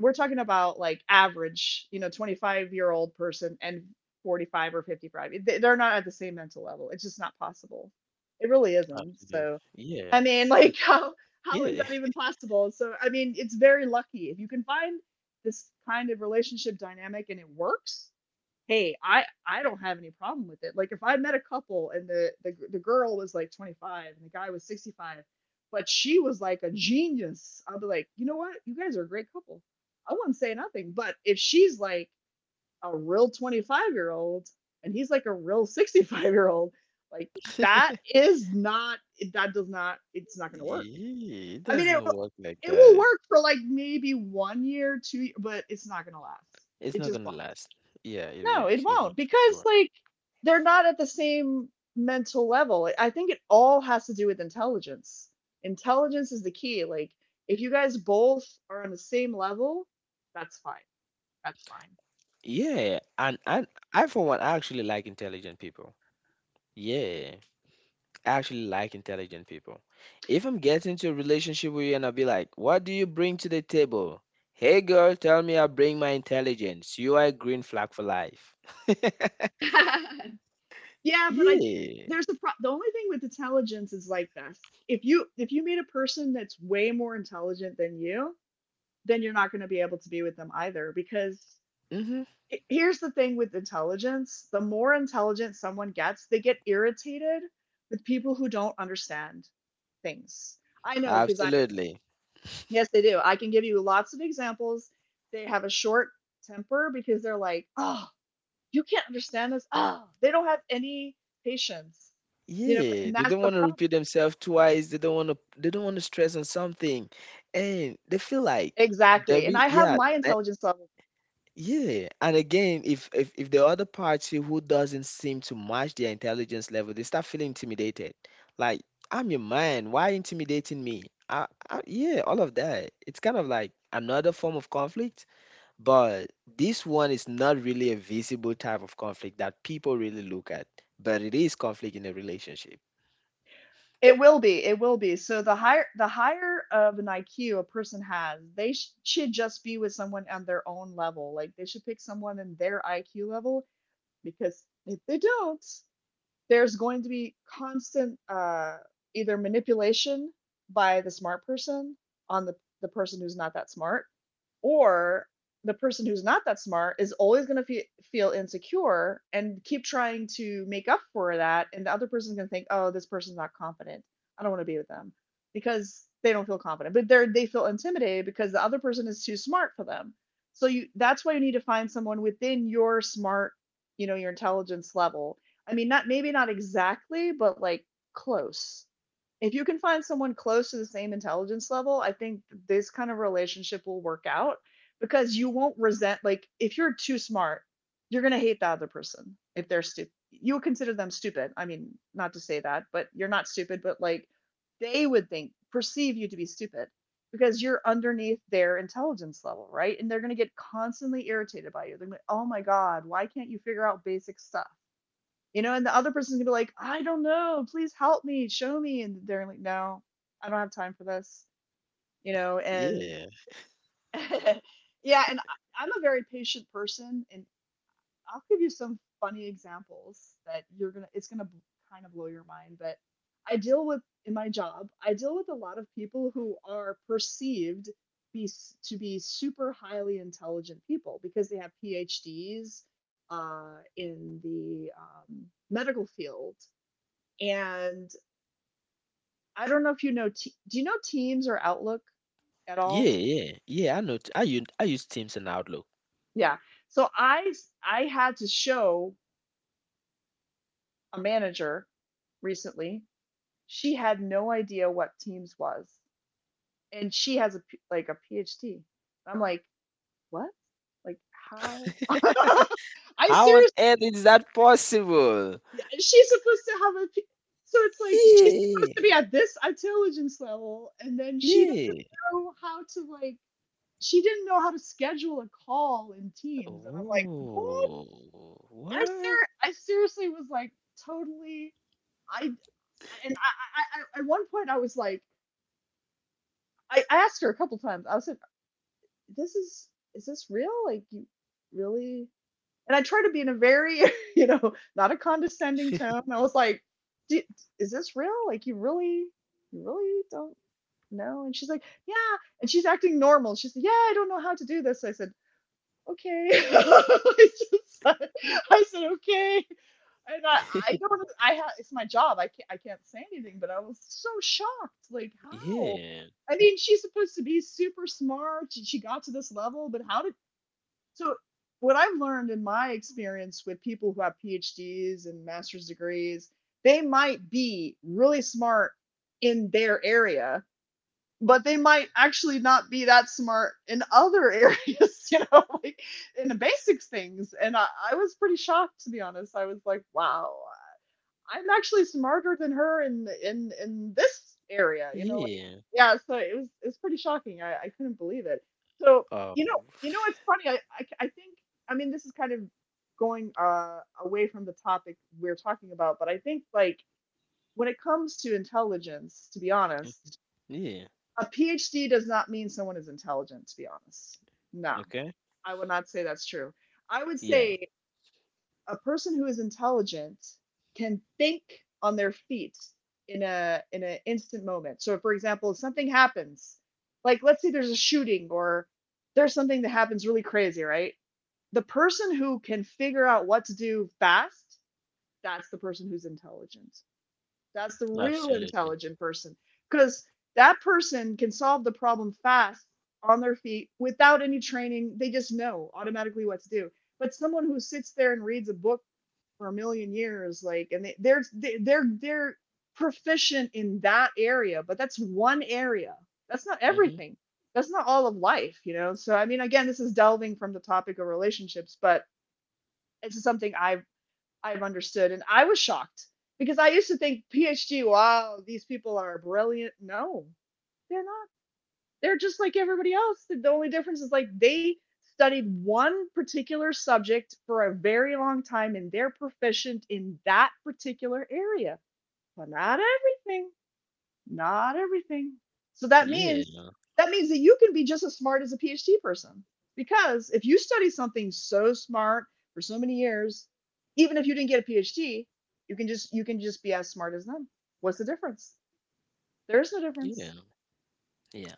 Speaker 2: we're talking about like average, you know, 25-year-old person and 45 or 55. They- are not at the same mental level. It's just not possible. It really isn't.
Speaker 1: Absolutely.
Speaker 2: So,
Speaker 1: Yeah.
Speaker 2: I mean, [laughs]
Speaker 1: y-
Speaker 2: like how is
Speaker 1: Yeah.
Speaker 2: that even
Speaker 1: [laughs]
Speaker 2: possible? So, I mean, it's very lucky if you can find this kind of relationship dynamic and it works hey, I don't have any problem with it. Like if I met a couple and the girl was like 25 and the guy was 65, but she was like a genius, I'd be like, you know what? You guys are a great couple. I wouldn't say nothing. But if she's like a real 25-year-old and he's like a real 65-year-old, like that is not that does not it's not gonna work.
Speaker 1: Yeah, it
Speaker 2: I mean
Speaker 1: doesn't work like
Speaker 2: it will
Speaker 1: that.
Speaker 2: work for like maybe 1 year, two, years, but it's not gonna last.
Speaker 1: It's
Speaker 2: It
Speaker 1: not
Speaker 2: just
Speaker 1: gonna
Speaker 2: won't.
Speaker 1: last. Yeah, it
Speaker 2: No, it
Speaker 1: won't. It
Speaker 2: won't
Speaker 1: won't for
Speaker 2: because
Speaker 1: sure.
Speaker 2: like they're not at the same mental level. Like, I think it all has to do with intelligence. Intelligence is the key. Like if you guys both are on the same level, that's fine. That's
Speaker 1: Yeah, and I for one, I actually like intelligent people. Yeah. Actually like intelligent people. If I'm getting into a relationship with you and I'll be like, what do you bring to the table? Hey girl, tell me I bring my intelligence. You are a green flag for life.
Speaker 2: fine. [laughs] Yeah, but I think
Speaker 1: Yeah.
Speaker 2: there's a the only thing with intelligence is like this. If you meet a person that's way more intelligent than you, then you're not going to be able to be with them either because
Speaker 1: Mm-hmm.
Speaker 2: here's the thing with intelligence, the more intelligent someone gets, they get irritated with people who don't understand things. I know because I,
Speaker 1: Absolutely.
Speaker 2: yes, they do. I can give you lots of examples. They have a short temper because they're like, oh, you can't understand this. Oh, they don't have any patience,
Speaker 1: Yeah.
Speaker 2: and
Speaker 1: They
Speaker 2: that's
Speaker 1: don't
Speaker 2: the
Speaker 1: want to
Speaker 2: problem.
Speaker 1: repeat themselves twice. They don't want to stress on
Speaker 2: Exactly. And I have
Speaker 1: something.
Speaker 2: my intelligence
Speaker 1: And they
Speaker 2: level.
Speaker 1: feel like there is, yeah. Yeah, and again, if if the other party who doesn't seem to match their intelligence level, they start feeling intimidated. Like, I'm your man. Why intimidating me? Yeah, all of that. It's kind of like another form of conflict, but this one is not really a visible type of conflict that people really look at, but it is conflict in a relationship.
Speaker 2: It will be. It will be. So the higher of an IQ a person has, should just be with someone on their own level. Like they should pick someone in their IQ level, because if they don't, there's going to be constant either manipulation by the smart person on the person who's not that smart, or the person who's not that smart is always going to feel insecure and keep trying to make up for that, and the other person's going to think, oh, this person's not confident, I don't want to be with them because they don't feel confident, but they feel intimidated because the other person is too smart for them. So you that's why you need to find someone within your smart you know your intelligence level. I mean, not maybe not exactly, but like close. If you can find someone close to the same intelligence level, I think this kind of relationship will work out, because you won't resent. Like if you're too smart, you're going to hate the other person if they're stupid. You would consider them stupid. I mean, not to say that, but you're not stupid, but like they would think perceive you to be stupid because you're underneath their intelligence level, right? And they're going to get constantly irritated by you. They're going to be like, "Oh my god, why can't you figure out basic stuff?" And the other person's gonna be like, I don't know, please help me, show me. And they're like, no, I don't have time for this. You know, and
Speaker 1: Yeah,
Speaker 2: [laughs] yeah, and I'm a very patient person, and I'll give you some funny examples that it's gonna kind of blow your mind. But I deal with, in my job, I deal with a lot of people who are perceived be to be super highly intelligent people because they have PhDs in the medical field. And I don't know if you know. Do you know Teams or Outlook at
Speaker 1: yeah,
Speaker 2: all?
Speaker 1: yeah, yeah. I know. I use Teams and Outlook.
Speaker 2: Yeah. So I had to show a manager recently. She had no idea what Teams was, and she has a like a PhD. I'm like, what? Like how? [laughs] I
Speaker 1: How on
Speaker 2: seriously,
Speaker 1: earth is that possible?
Speaker 2: she's supposed to have a. So it's like she's supposed to
Speaker 1: Yeah,
Speaker 2: be at this intelligence level, and then she doesn't
Speaker 1: yeah.
Speaker 2: know how to like she didn't know how to schedule a call in Teams, and I'm like, "What?"
Speaker 1: Oh, what?
Speaker 2: I seriously was like totally I I at one point I was like I asked her a couple times. I said, "This is this real? Like you really?" And I tried to be in a very [laughs] you know not a condescending tone. I was like, "Do- "Is this real? Like you really don't know?" And she's like, "Yeah." And she's acting normal. She's like, "Yeah, I don't know how to do this." I said, okay. [laughs] It's just like, I said okay, and I don't I have it's my job. I can't say anything, but I was so shocked. Like how?
Speaker 1: Yeah,
Speaker 2: I mean, she's supposed to be super smart. She got to this level, but how did so? What I've learned in my experience with people who have PhDs and master's degrees, they might be really smart in their area, but they might actually not be that smart in other [laughs] areas, you know, like in the basics things. I was pretty shocked to be honest. I was like, wow, I'm actually smarter than her in in this area, you know, like
Speaker 1: yeah.
Speaker 2: yeah. So it's pretty shocking. I couldn't believe it. So
Speaker 1: Um,
Speaker 2: you know it's funny. I think I mean this is kind of going away from the topic we're talking about, but I think like when it comes to intelligence, to be honest,
Speaker 1: yeah.
Speaker 2: a PhD does not mean someone is intelligent, to be honest. No,
Speaker 1: Okay.
Speaker 2: I would not say that's true. I would
Speaker 1: Yeah,
Speaker 2: say a person who is intelligent can think on their feet in a in an instant moment. So for example, if something happens, like let's say there's a shooting or there's something that happens really crazy, right? The person who can figure out what to do fast, that's the person who's intelligent. That's the real
Speaker 1: absolutely.
Speaker 2: intelligent person because that person can solve the problem fast on their feet without any training. They just know automatically what to do. But someone who sits there and reads a book for a million years, like, and they're they're proficient in that area, but that's one area. That's not
Speaker 1: Mm-hmm.
Speaker 2: everything. That's not all of life, you know. So I mean, again, this is delving from the topic of relationships, but this is something I've understood. And I was shocked because I used to think PhD, wow, these people are brilliant. No, they're not. They're just like everybody else. The only difference is like they studied one particular subject for a very long time and they're proficient in that particular area, but not everything. Not everything. So
Speaker 1: Yeah,
Speaker 2: that means that you can be just as smart as a PhD person. Because if you study something so smart for so many years, even if you didn't get a PhD, you can just be as smart as them. What's the difference? There is no
Speaker 1: yeah,
Speaker 2: difference.
Speaker 1: yeah.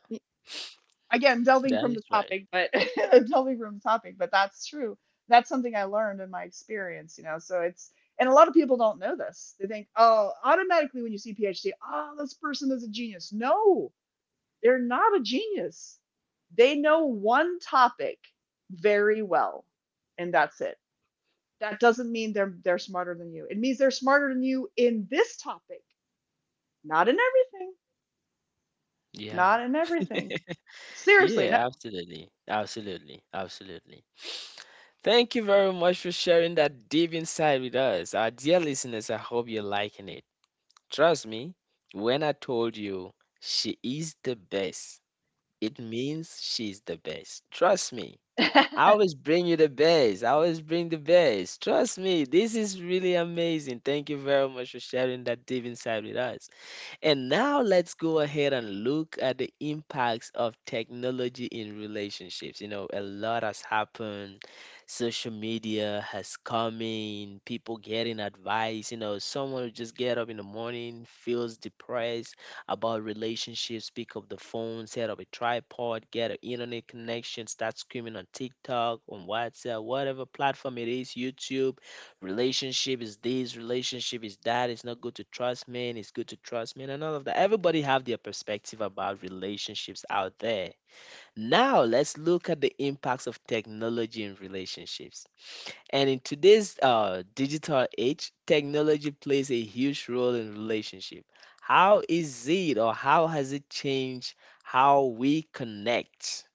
Speaker 2: Again, delving
Speaker 1: That
Speaker 2: from the
Speaker 1: is right.
Speaker 2: topic, but [laughs] delving from the topic, but that's true. That's something I learned in my experience, you know. So it's and a lot of people don't know this. They think, oh, automatically when you see PhD, oh, this person is a genius. No, they're not a genius. They know one topic very well, and that's it. That doesn't mean they're smarter than you. It means they're smarter than you in this topic, not in everything,
Speaker 1: Yeah,
Speaker 2: not in everything. Seriously, no.
Speaker 1: yeah. Absolutely, absolutely, absolutely. Thank you very much for sharing that deep insight with us, our dear listeners. I hope you're liking it. Trust me, when I told you she is the best, it means she's the best. Trust me. I
Speaker 2: [laughs]
Speaker 1: always bring you the best. I always bring the best. Trust me, this is really amazing. Thank you very much for sharing that deep inside with us. And now let's go ahead and look at the impacts of technology in relationships. You know, a lot has happened. Social media has come in, people getting advice. You know, someone who just get up in the morning, feels depressed about relationships, pick up the phone, set up a tripod, get an internet connection, start screaming on TikTok, on WhatsApp, whatever platform it is, YouTube, relationship is this, relationship is that, it's not good to trust men, it's good to trust men, and all of that. Everybody have their perspective about relationships out there. Now let's look at the impacts of technology in relationships. And in today's digital age, technology plays a huge role in relationship. How is it, or how has it changed how we connect?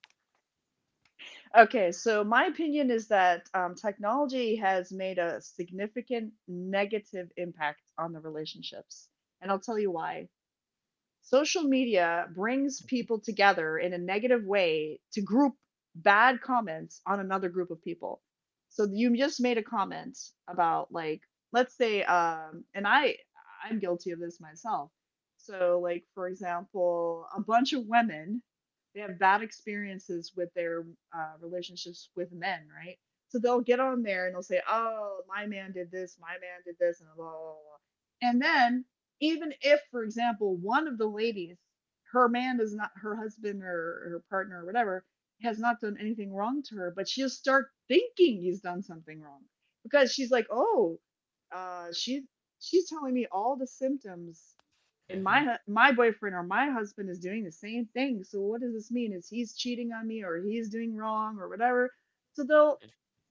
Speaker 2: Okay, so my opinion is that technology has made a significant negative impact on the relationships, and I'll tell you why. Social media brings people together in a negative way to group bad comments on another group of people. So you just made a comment about like let's say and I I'm guilty of this myself. So like for example, a bunch of women they have bad experiences with their relationships with men, right? So they'll get on there and they'll say, "Oh, my man did this, my man did this," and blah blah blah. And then even if, for example, one of the ladies, her man is not her husband or her partner or whatever, has not done anything wrong to her, but she'll start thinking he's done something wrong because she's like, oh, uh, she she's telling me all the symptoms, and
Speaker 1: Mhm,
Speaker 2: my boyfriend or my husband is doing the same thing. So what does this mean? Is he's cheating on me or he's doing wrong or whatever? So they'll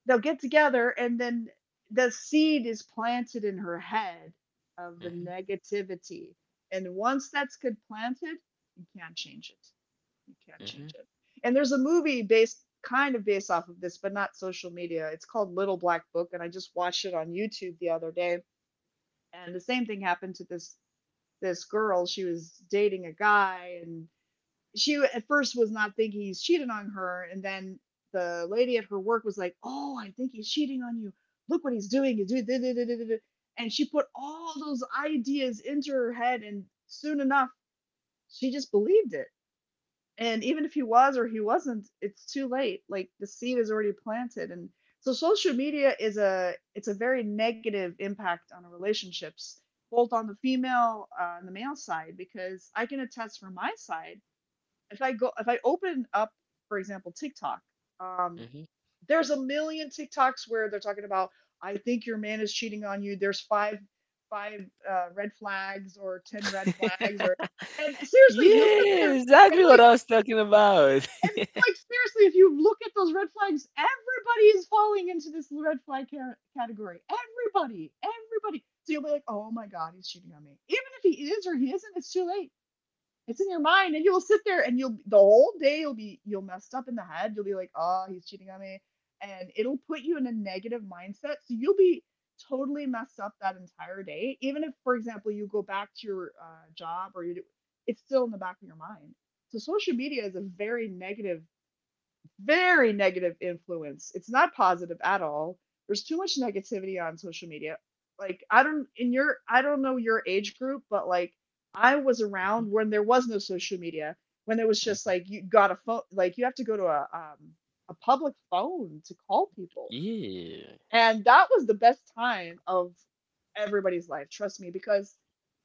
Speaker 2: they'll get together and then the seed is planted in her head of the
Speaker 1: mhm,
Speaker 2: negativity. And once that's good planted, you can't change it. You can't
Speaker 1: mhm,
Speaker 2: change it. And there's a movie based kind of based off of this, but not social media. It's called Little Black Book, and I just watched it on YouTube the other day. And the same thing happened to this girl. She was dating a guy, and she at first was not thinking he's cheating on her, and then the lady at her work was like, "Oh, I think he's cheating on you. Look what he's doing. He's doing." da- da- da- da- da- da." And she put all those ideas into her head, and soon enough, she just believed it. And even if he was or he wasn't, it's too late. Like the seed is already planted, and so social media is a it's a very negative impact on our relationships, both on the female and the male side, because I can attest from my side. If I open up, for example, TikTok,
Speaker 1: mhm,
Speaker 2: um,
Speaker 1: mhm.
Speaker 2: there's a million TikToks where they're talking about I think your man is cheating on you. There's five red flags or 10 red flags
Speaker 1: [laughs]
Speaker 2: or, and seriously, you'll sit
Speaker 1: Yeah,
Speaker 2: there and
Speaker 1: exactly what
Speaker 2: like
Speaker 1: I was talking about.
Speaker 2: and like seriously, if you look at those red flags, everybody is falling into this red flag category. Everybody, everybody. So you'll be like, oh my god, he's cheating on me. Even if he is or he isn't, it's too late. It's in your mind, and you will sit there and you'll the whole day you'll be you'll messed up in the head. You'll be like, oh, he's cheating on me, and it'll put you in a negative mindset. So you'll be totally messed up that entire day. Even if, for example, you go back to your job or you do, it's still in the back of your mind. So social media is a very negative influence. It's not positive at all. There's too much negativity on social media. Like I don't know your age group, but like I was
Speaker 1: Mhm.
Speaker 2: around when there was no social media, when it was just like you got a phone, like you have to go to a a public phone to call people.
Speaker 1: Yeah.
Speaker 2: And that was the best time of everybody's life, trust me, because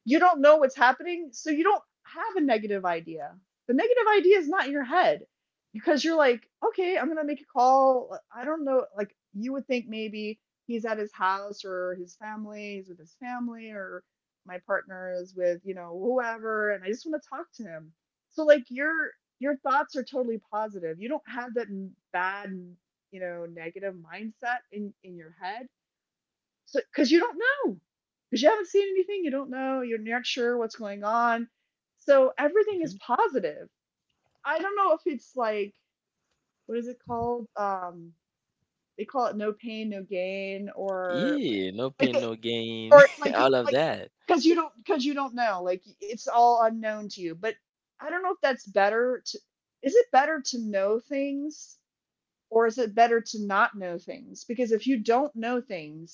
Speaker 2: you don't know what's happening, so you don't have a negative idea. The negative idea is not in your head because you're like, okay, I'm gonna make a call. I don't know, like you would think maybe he's at his house or his family, he's with his family, or my partner is with, you know, whoever, and I just want to talk to him. So like your thoughts are totally positive. You don't have that bad, you know, negative mindset in your head. So cuz you don't know. Cuz you haven't seen anything, you don't know, you're not sure what's going on. So everything is
Speaker 1: Mhm.
Speaker 2: positive. I don't know if it's like, what is it called? They call it no pain no gain, or
Speaker 1: Yeah. No pain,
Speaker 2: like it,
Speaker 1: no gain.
Speaker 2: or
Speaker 1: [laughs]
Speaker 2: like you-
Speaker 1: All of
Speaker 2: like
Speaker 1: that.
Speaker 2: cuz you don't know. Like it's all unknown to you. But I don't know if that's better to, is it better to know things? Or is it better to not know things? Because if you don't know things,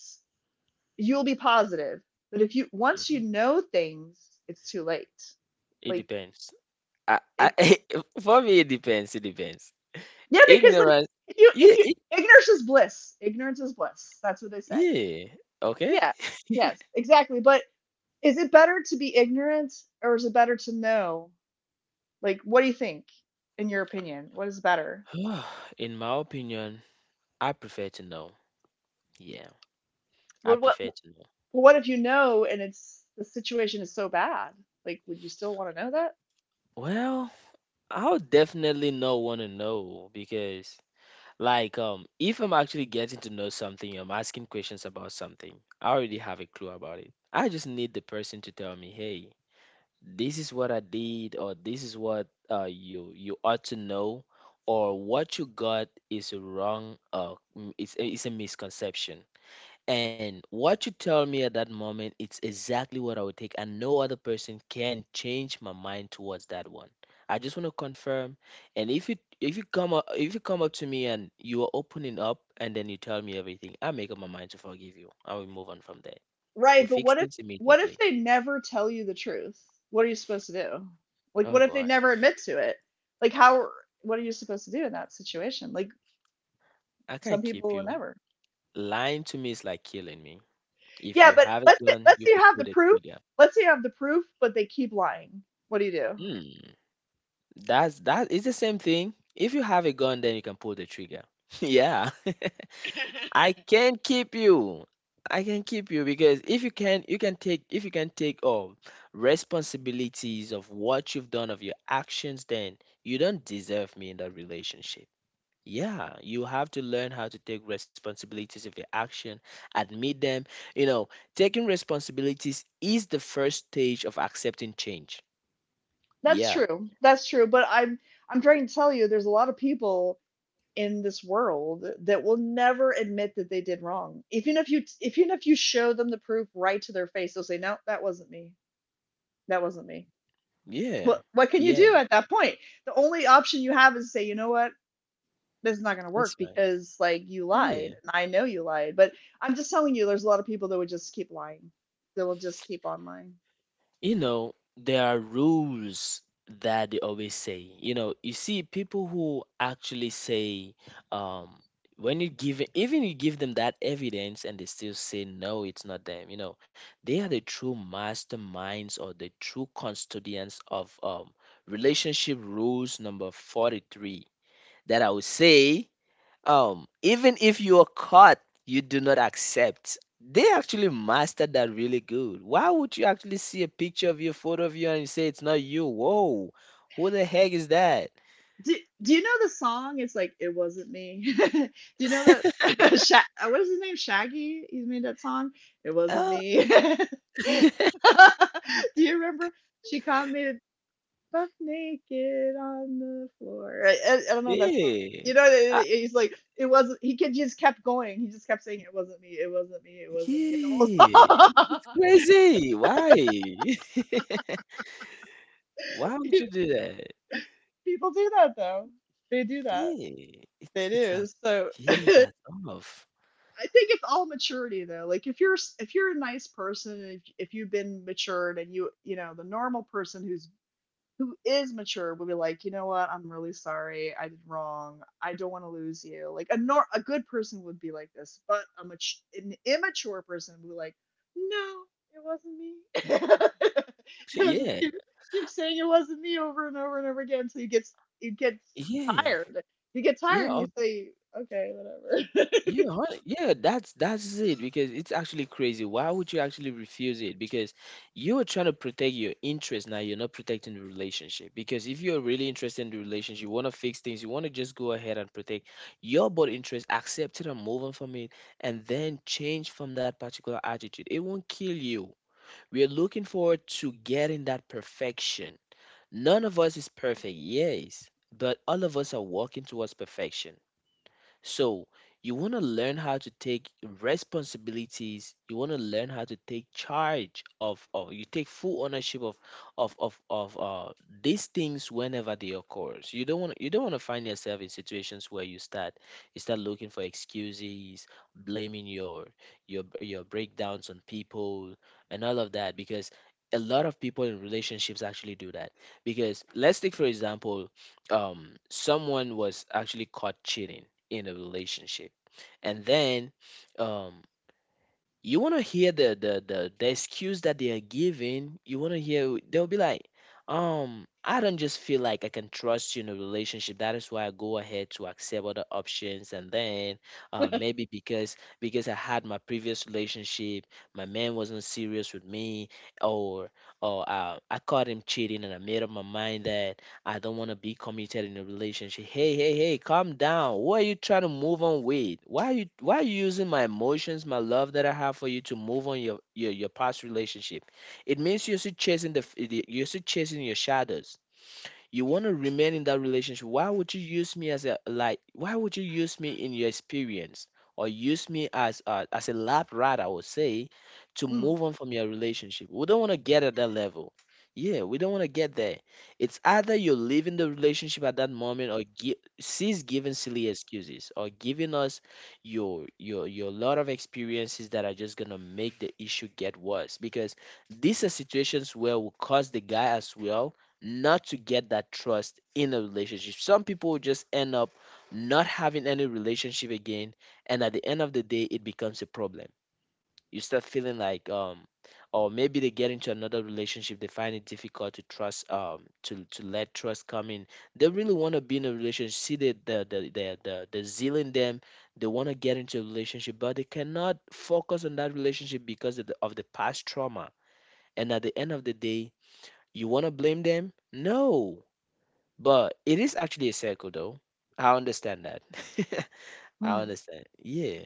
Speaker 2: you'll be positive. But if you once you
Speaker 1: Mhm.
Speaker 2: know things, it's too late.
Speaker 1: It
Speaker 2: Like
Speaker 1: depends. I, I,
Speaker 2: it.
Speaker 1: [laughs] for me, it depends. It depends.
Speaker 2: Yeah, because like
Speaker 1: Ignorance.
Speaker 2: if
Speaker 1: Yeah.
Speaker 2: you ignorance is bliss. Ignorance is bliss. That's what they say.
Speaker 1: Yeah. Okay.
Speaker 2: Yeah. Yes, exactly. But is it better to be ignorant or is it better to know? Like what do you think, in your opinion? What is better?
Speaker 1: [sighs] In my opinion, I prefer to know. Yeah. I
Speaker 2: What what
Speaker 1: prefer to know.
Speaker 2: what if you know and it's the situation is so bad? Like would you still want to know that?
Speaker 1: Well, I'll definitely not want to know because, like, if I'm actually getting to know something, I'm asking questions about something, I already have a clue about it. I just need the person to tell me, hey, this is what I did, or this is what you you ought to know, or what you got is wrong, it's a misconception. And what you tell me at that moment, it's exactly what I would take, and no other person can change my mind towards that one. I just want to confirm. And if you if you come up to me and you are opening up and then you tell me everything, I make up my mind to forgive you. I will move on from there. We
Speaker 2: Right, but
Speaker 1: fix
Speaker 2: what if
Speaker 1: things
Speaker 2: what if
Speaker 1: immediately.
Speaker 2: they never tell you the truth? What are you supposed to do? Like
Speaker 1: Oh
Speaker 2: what if they
Speaker 1: boy,
Speaker 2: never admit to it? Like how, what are you supposed to do in that situation? Like
Speaker 1: I
Speaker 2: some
Speaker 1: can't keep
Speaker 2: people will
Speaker 1: you.
Speaker 2: never.
Speaker 1: Lying to me is like killing me. If
Speaker 2: Yeah,
Speaker 1: you
Speaker 2: but
Speaker 1: have a
Speaker 2: let's say,
Speaker 1: gun,
Speaker 2: let's
Speaker 1: you
Speaker 2: say you
Speaker 1: could
Speaker 2: have
Speaker 1: pull
Speaker 2: the
Speaker 1: the
Speaker 2: proof.
Speaker 1: trigger.
Speaker 2: Let's say you have the proof, but they keep lying. What do you do?
Speaker 1: Hmm, that is the same thing. If you have a gun, then you can pull the trigger. [laughs] Yeah. I can keep you. I can keep you because if you can, you can take if you can take all responsibilities of what you've done of your actions, then you don't deserve me in that relationship. Yeah, you have to learn how to take responsibilities of your action, admit them. You know, Taking responsibilities is the first stage of accepting change.
Speaker 2: That's
Speaker 1: Yeah,
Speaker 2: true. That's true, but I'm trying to tell you there's a lot of people in this world that will never admit that they did wrong. Even if you show them the proof right to their face, they'll say, "No, that wasn't me. That wasn't me."
Speaker 1: yeah,
Speaker 2: What can you
Speaker 1: yeah.
Speaker 2: do at that point? The only option you have is to say, you know what, this is not going to work
Speaker 1: That's right.
Speaker 2: because like you lied,
Speaker 1: Yeah.
Speaker 2: and I know you lied. But I'm just telling you, there's a lot of people that would just keep lying. They'll just keep on lying.
Speaker 1: You know, there are rules that they always say. You know, you see people who actually say, um, when you give even you give them that evidence and they still say no, it's not them. You know, they are the true masterminds or the true custodians of relationship rules number 43 that I would say even if you are caught, you do not accept. They actually mastered that really good. Why would you actually see a picture of you, photo of you, and you say it's not you? Whoa, who the heck is that?
Speaker 2: Do Do you know the song? It's like, it wasn't me. [laughs] Do you know that? [laughs] What is his name? Shaggy. He made that song. It wasn't
Speaker 1: Oh,
Speaker 2: me. [laughs] Do you remember? She caught me half naked on the floor. I don't know that song.
Speaker 1: yeah.
Speaker 2: You know,
Speaker 1: Ah,
Speaker 2: he's like, it wasn't. He could just kept going. He just kept saying, "It wasn't me. It wasn't me. It wasn't me." And the whole
Speaker 1: yeah.
Speaker 2: song.
Speaker 1: It's crazy. Why? [laughs] Why would you
Speaker 2: [laughs]
Speaker 1: do that?
Speaker 2: People do that though. They do that.
Speaker 1: Yeah.
Speaker 2: They
Speaker 1: It's that
Speaker 2: do. So [laughs] I
Speaker 1: yeah, that's off.
Speaker 2: think it's all maturity though. Like if if you're a nice person, and if you've been matured, and you know the normal person who is mature will be like, you know what, I'm really sorry, I did wrong, I don't want to lose you. Like a nor- a good person would be like this, but an immature person would be like, no, it wasn't me.
Speaker 1: [laughs]
Speaker 2: [laughs] They'll just
Speaker 1: Yeah.
Speaker 2: keep keep saying it wasn't me over and over and over again until you get
Speaker 1: Yeah.
Speaker 2: tired. You get tired and
Speaker 1: Yeah,
Speaker 2: you say, okay, whatever. [laughs]
Speaker 1: yeah, that's it because it's actually crazy. Why would you actually refuse it? Because you're trying to protect your interest now, you're not protecting the relationship. Because if you're really interested in the relationship, you want to fix things, you want to just go ahead and protect your but interest, accept it and move on from it, and then change from that particular attitude. It won't kill you. We're looking forward to getting that perfection. None of us is perfect, yes, but all of us are walking towards perfection. So you want to learn how to take responsibilities. You want to learn how to take charge of you take full ownership of of of of uh, these things whenever they occurs. You don't want to find yourself in situations where you start looking for excuses, blaming your your breakdowns on people and all of that because a lot of people in relationships actually do that. Because let's take for example, someone was actually caught cheating in a relationship and then um you want to hear the excuse that they are giving you want to hear they'll be like I don't just feel like I can trust you in a relationship, that is why I go ahead to accept other options, and then maybe because I had my previous relationship, my man wasn't serious with me, or I caught him cheating and I made up my mind that I don't want to be committed in a relationship. Hey, hey, hey, calm down. What are you trying to move on with? Why are you using my emotions, my love that I have for you, to move on your your past relationship? It means you're still chasing you're still chasing your shadows, you want to remain in that relationship. Why would you use me as a like why would you use me in your experience, or use me as a lab rat I would say, to
Speaker 2: Hmm,
Speaker 1: move on from your relationship. We don't want to get at that level. Yeah, we don't want to get there. It's either you're leaving the relationship at that moment or gi- cease giving silly excuses or giving us your lot of experiences that are just gonna make the issue get worse, because these are situations where will cause the guy as well not to get that trust in a relationship. Some people just end up not having any relationship again, and at the end of the day, it becomes a problem. You start feeling like, or maybe they get into another relationship, they find it difficult to trust, to let trust come in. They really want to be in a relationship. See the zeal in them. They want to get into a relationship, but they cannot focus on that relationship because of of the past trauma. And at the end of the day, you want to blame them? No. But it is actually a circle, though. I understand that. [laughs] I
Speaker 2: hmm.
Speaker 1: understand. Yeah,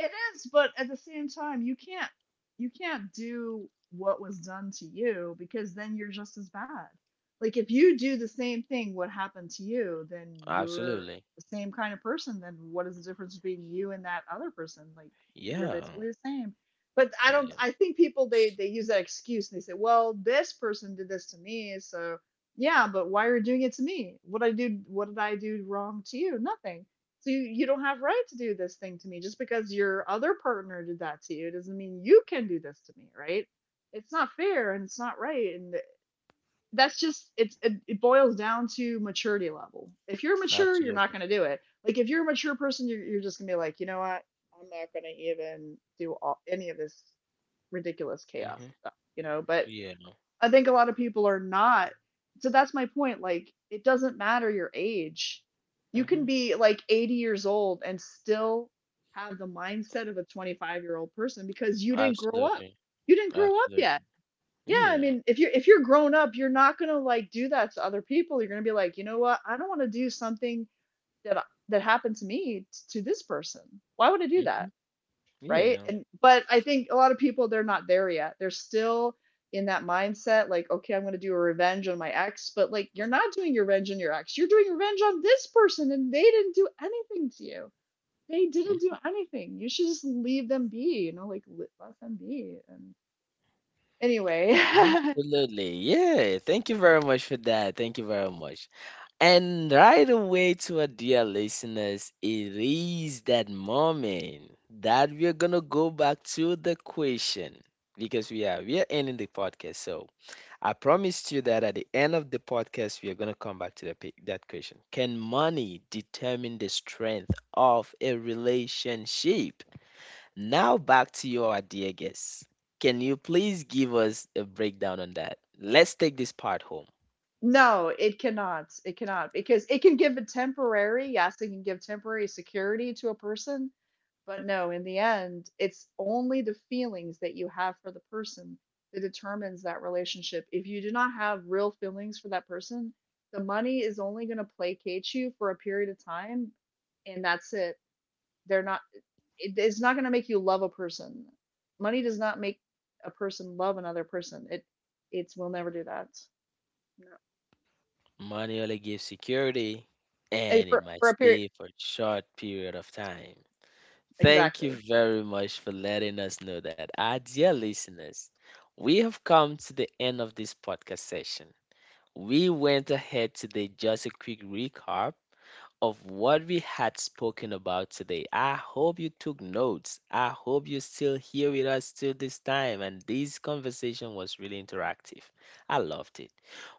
Speaker 2: It is, but at the same time, you can't do what was done to you because then you're just as bad. Like if you do the same thing what happened to you, then you're
Speaker 1: absolutely.
Speaker 2: the same kind of person. Then what is the difference between you and that other person? Like you're
Speaker 1: Yeah,
Speaker 2: basically the same. But I don't,
Speaker 1: yeah,
Speaker 2: I think people they use that excuse and they say, "Well, this person did this to me, so yeah, but why are you doing it to me? What did I do wrong to you? Nothing." So you don't have right to do this thing to me. Just because your other partner did that to you doesn't mean you can do this to me, right? It's not fair and it's not right. And that's just it boils down to maturity level. If you're mature, you're not
Speaker 1: absolutely.
Speaker 2: gonna do it. Like if you're a mature person, you're just gonna be like, you know what? I'm not gonna even do any of this ridiculous chaos
Speaker 1: Mm-hmm.
Speaker 2: stuff, you know. But
Speaker 1: Yeah,
Speaker 2: I think a lot of people are not. So that's my point. Like, it doesn't matter your age. You can
Speaker 1: mm-hmm.
Speaker 2: be like 80 years old and still have the mindset of a 25-year-old person because you didn't grow up.
Speaker 1: Absolutely,
Speaker 2: You didn't grow up yet.
Speaker 1: absolutely.
Speaker 2: Yeah, I
Speaker 1: Yeah,
Speaker 2: mean, if you're grown up, you're not gonna like do that to other people. You're gonna be like, you know what? I don't want to do something that happened to me to this person. Why would I do
Speaker 1: mm-hmm.
Speaker 2: that? Right?
Speaker 1: Yeah,
Speaker 2: And but I think a lot of people they're not there yet. They're still in that mindset like, okay, I'm going to do a revenge on my ex, but like you're not doing your revenge on your ex. You're doing revenge on this person and they didn't do anything to you. They didn't do
Speaker 1: mm.
Speaker 2: anything. You should just leave them be, you know, like let them be. And anyway, [laughs]
Speaker 1: Absolutely. Yeah, thank you very much for that. Thank you very much. And right away to our dear listeners, it is that moment that we are gonna go back to the question, because we are ending the podcast. So I promised you that at the end of the podcast, we are gonna come back to that question. Can money determine the strength of a relationship? Now back to your dear guests. Can you please give us a breakdown on that? Let's take this part home.
Speaker 2: no, it cannot. It cannot because it can give a temporary, yes, it can give temporary security to a person, but no, in the end, it's only the feelings that you have for the person that determines that relationship. If you do not have real feelings for that person, the money is only going to placate you for a period of time, and that's it. They're not, it's not going to make you love a person. Money does not make a person love another person. It will never do that. No.
Speaker 1: Money only gives security, and it
Speaker 2: For
Speaker 1: might
Speaker 2: for a period,
Speaker 1: stay for a short period of time. Thank
Speaker 2: exactly.
Speaker 1: you very much for letting us know that. Our dear listeners, we have come to the end of this podcast session. We went ahead today just a quick recap of what we had spoken about today. I hope you took notes. I hope you're still here with us till this time, and this conversation was really interactive. I loved it.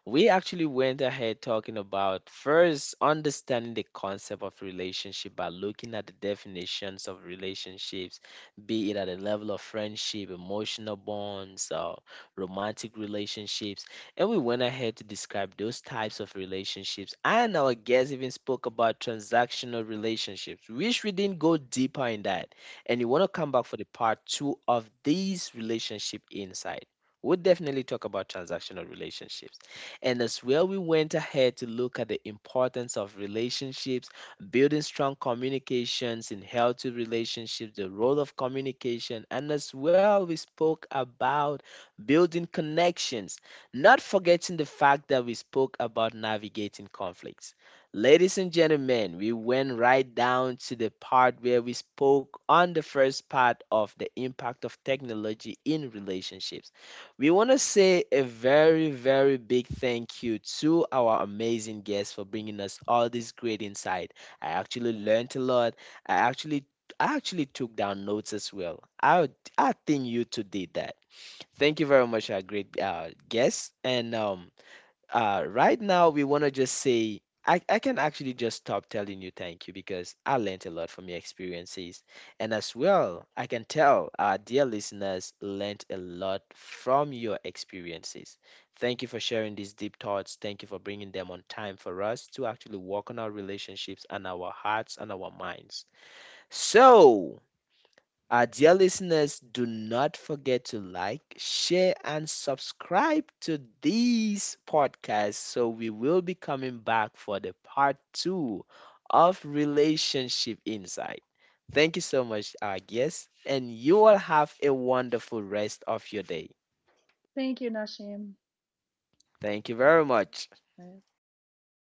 Speaker 1: We actually went ahead talking about first understanding the concept of relationship by looking at the definitions of relationships, be it at the level of friendship, emotional bonds, romantic relationships. And we went ahead to describe those types of relationships. And our guest even spoke about transactional relationships, which we didn't go deeper in that. And you want to come back for the part two of these relationship insight, we'll definitely talk about transactional relationships. And as well, we went ahead to look at the importance of relationships, building strong communications in healthy relationships, the role of communication, and as well, we spoke about building connections, not forgetting the fact that we spoke about navigating conflicts. Ladies and gentlemen, we went right down to the part where we spoke on the first part of the impact of technology in relationships. We want to say a very, very big thank you to our amazing guests for bringing us all this great insight. I actually learned a lot. I actually I actually took down notes as well. I think you two did that. Thank you very much, our great guests, and right now we want to just say I can actually just stop telling you thank you because I learned a lot from your experiences. And as well, I can tell our dear listeners learned a lot from your experiences. Thank you for sharing these deep thoughts. Thank you for bringing them on time for us to actually work on our relationships and our hearts and our minds. So, our dear listeners, do not forget to like, share, and subscribe to these podcasts. So we will be coming back for the part two of Relationship Insight. Thank you so much, our guests, and you all have a wonderful rest of your day.
Speaker 2: Thank you, Nashim.
Speaker 1: Thank you very much.
Speaker 2: Bye. Bye.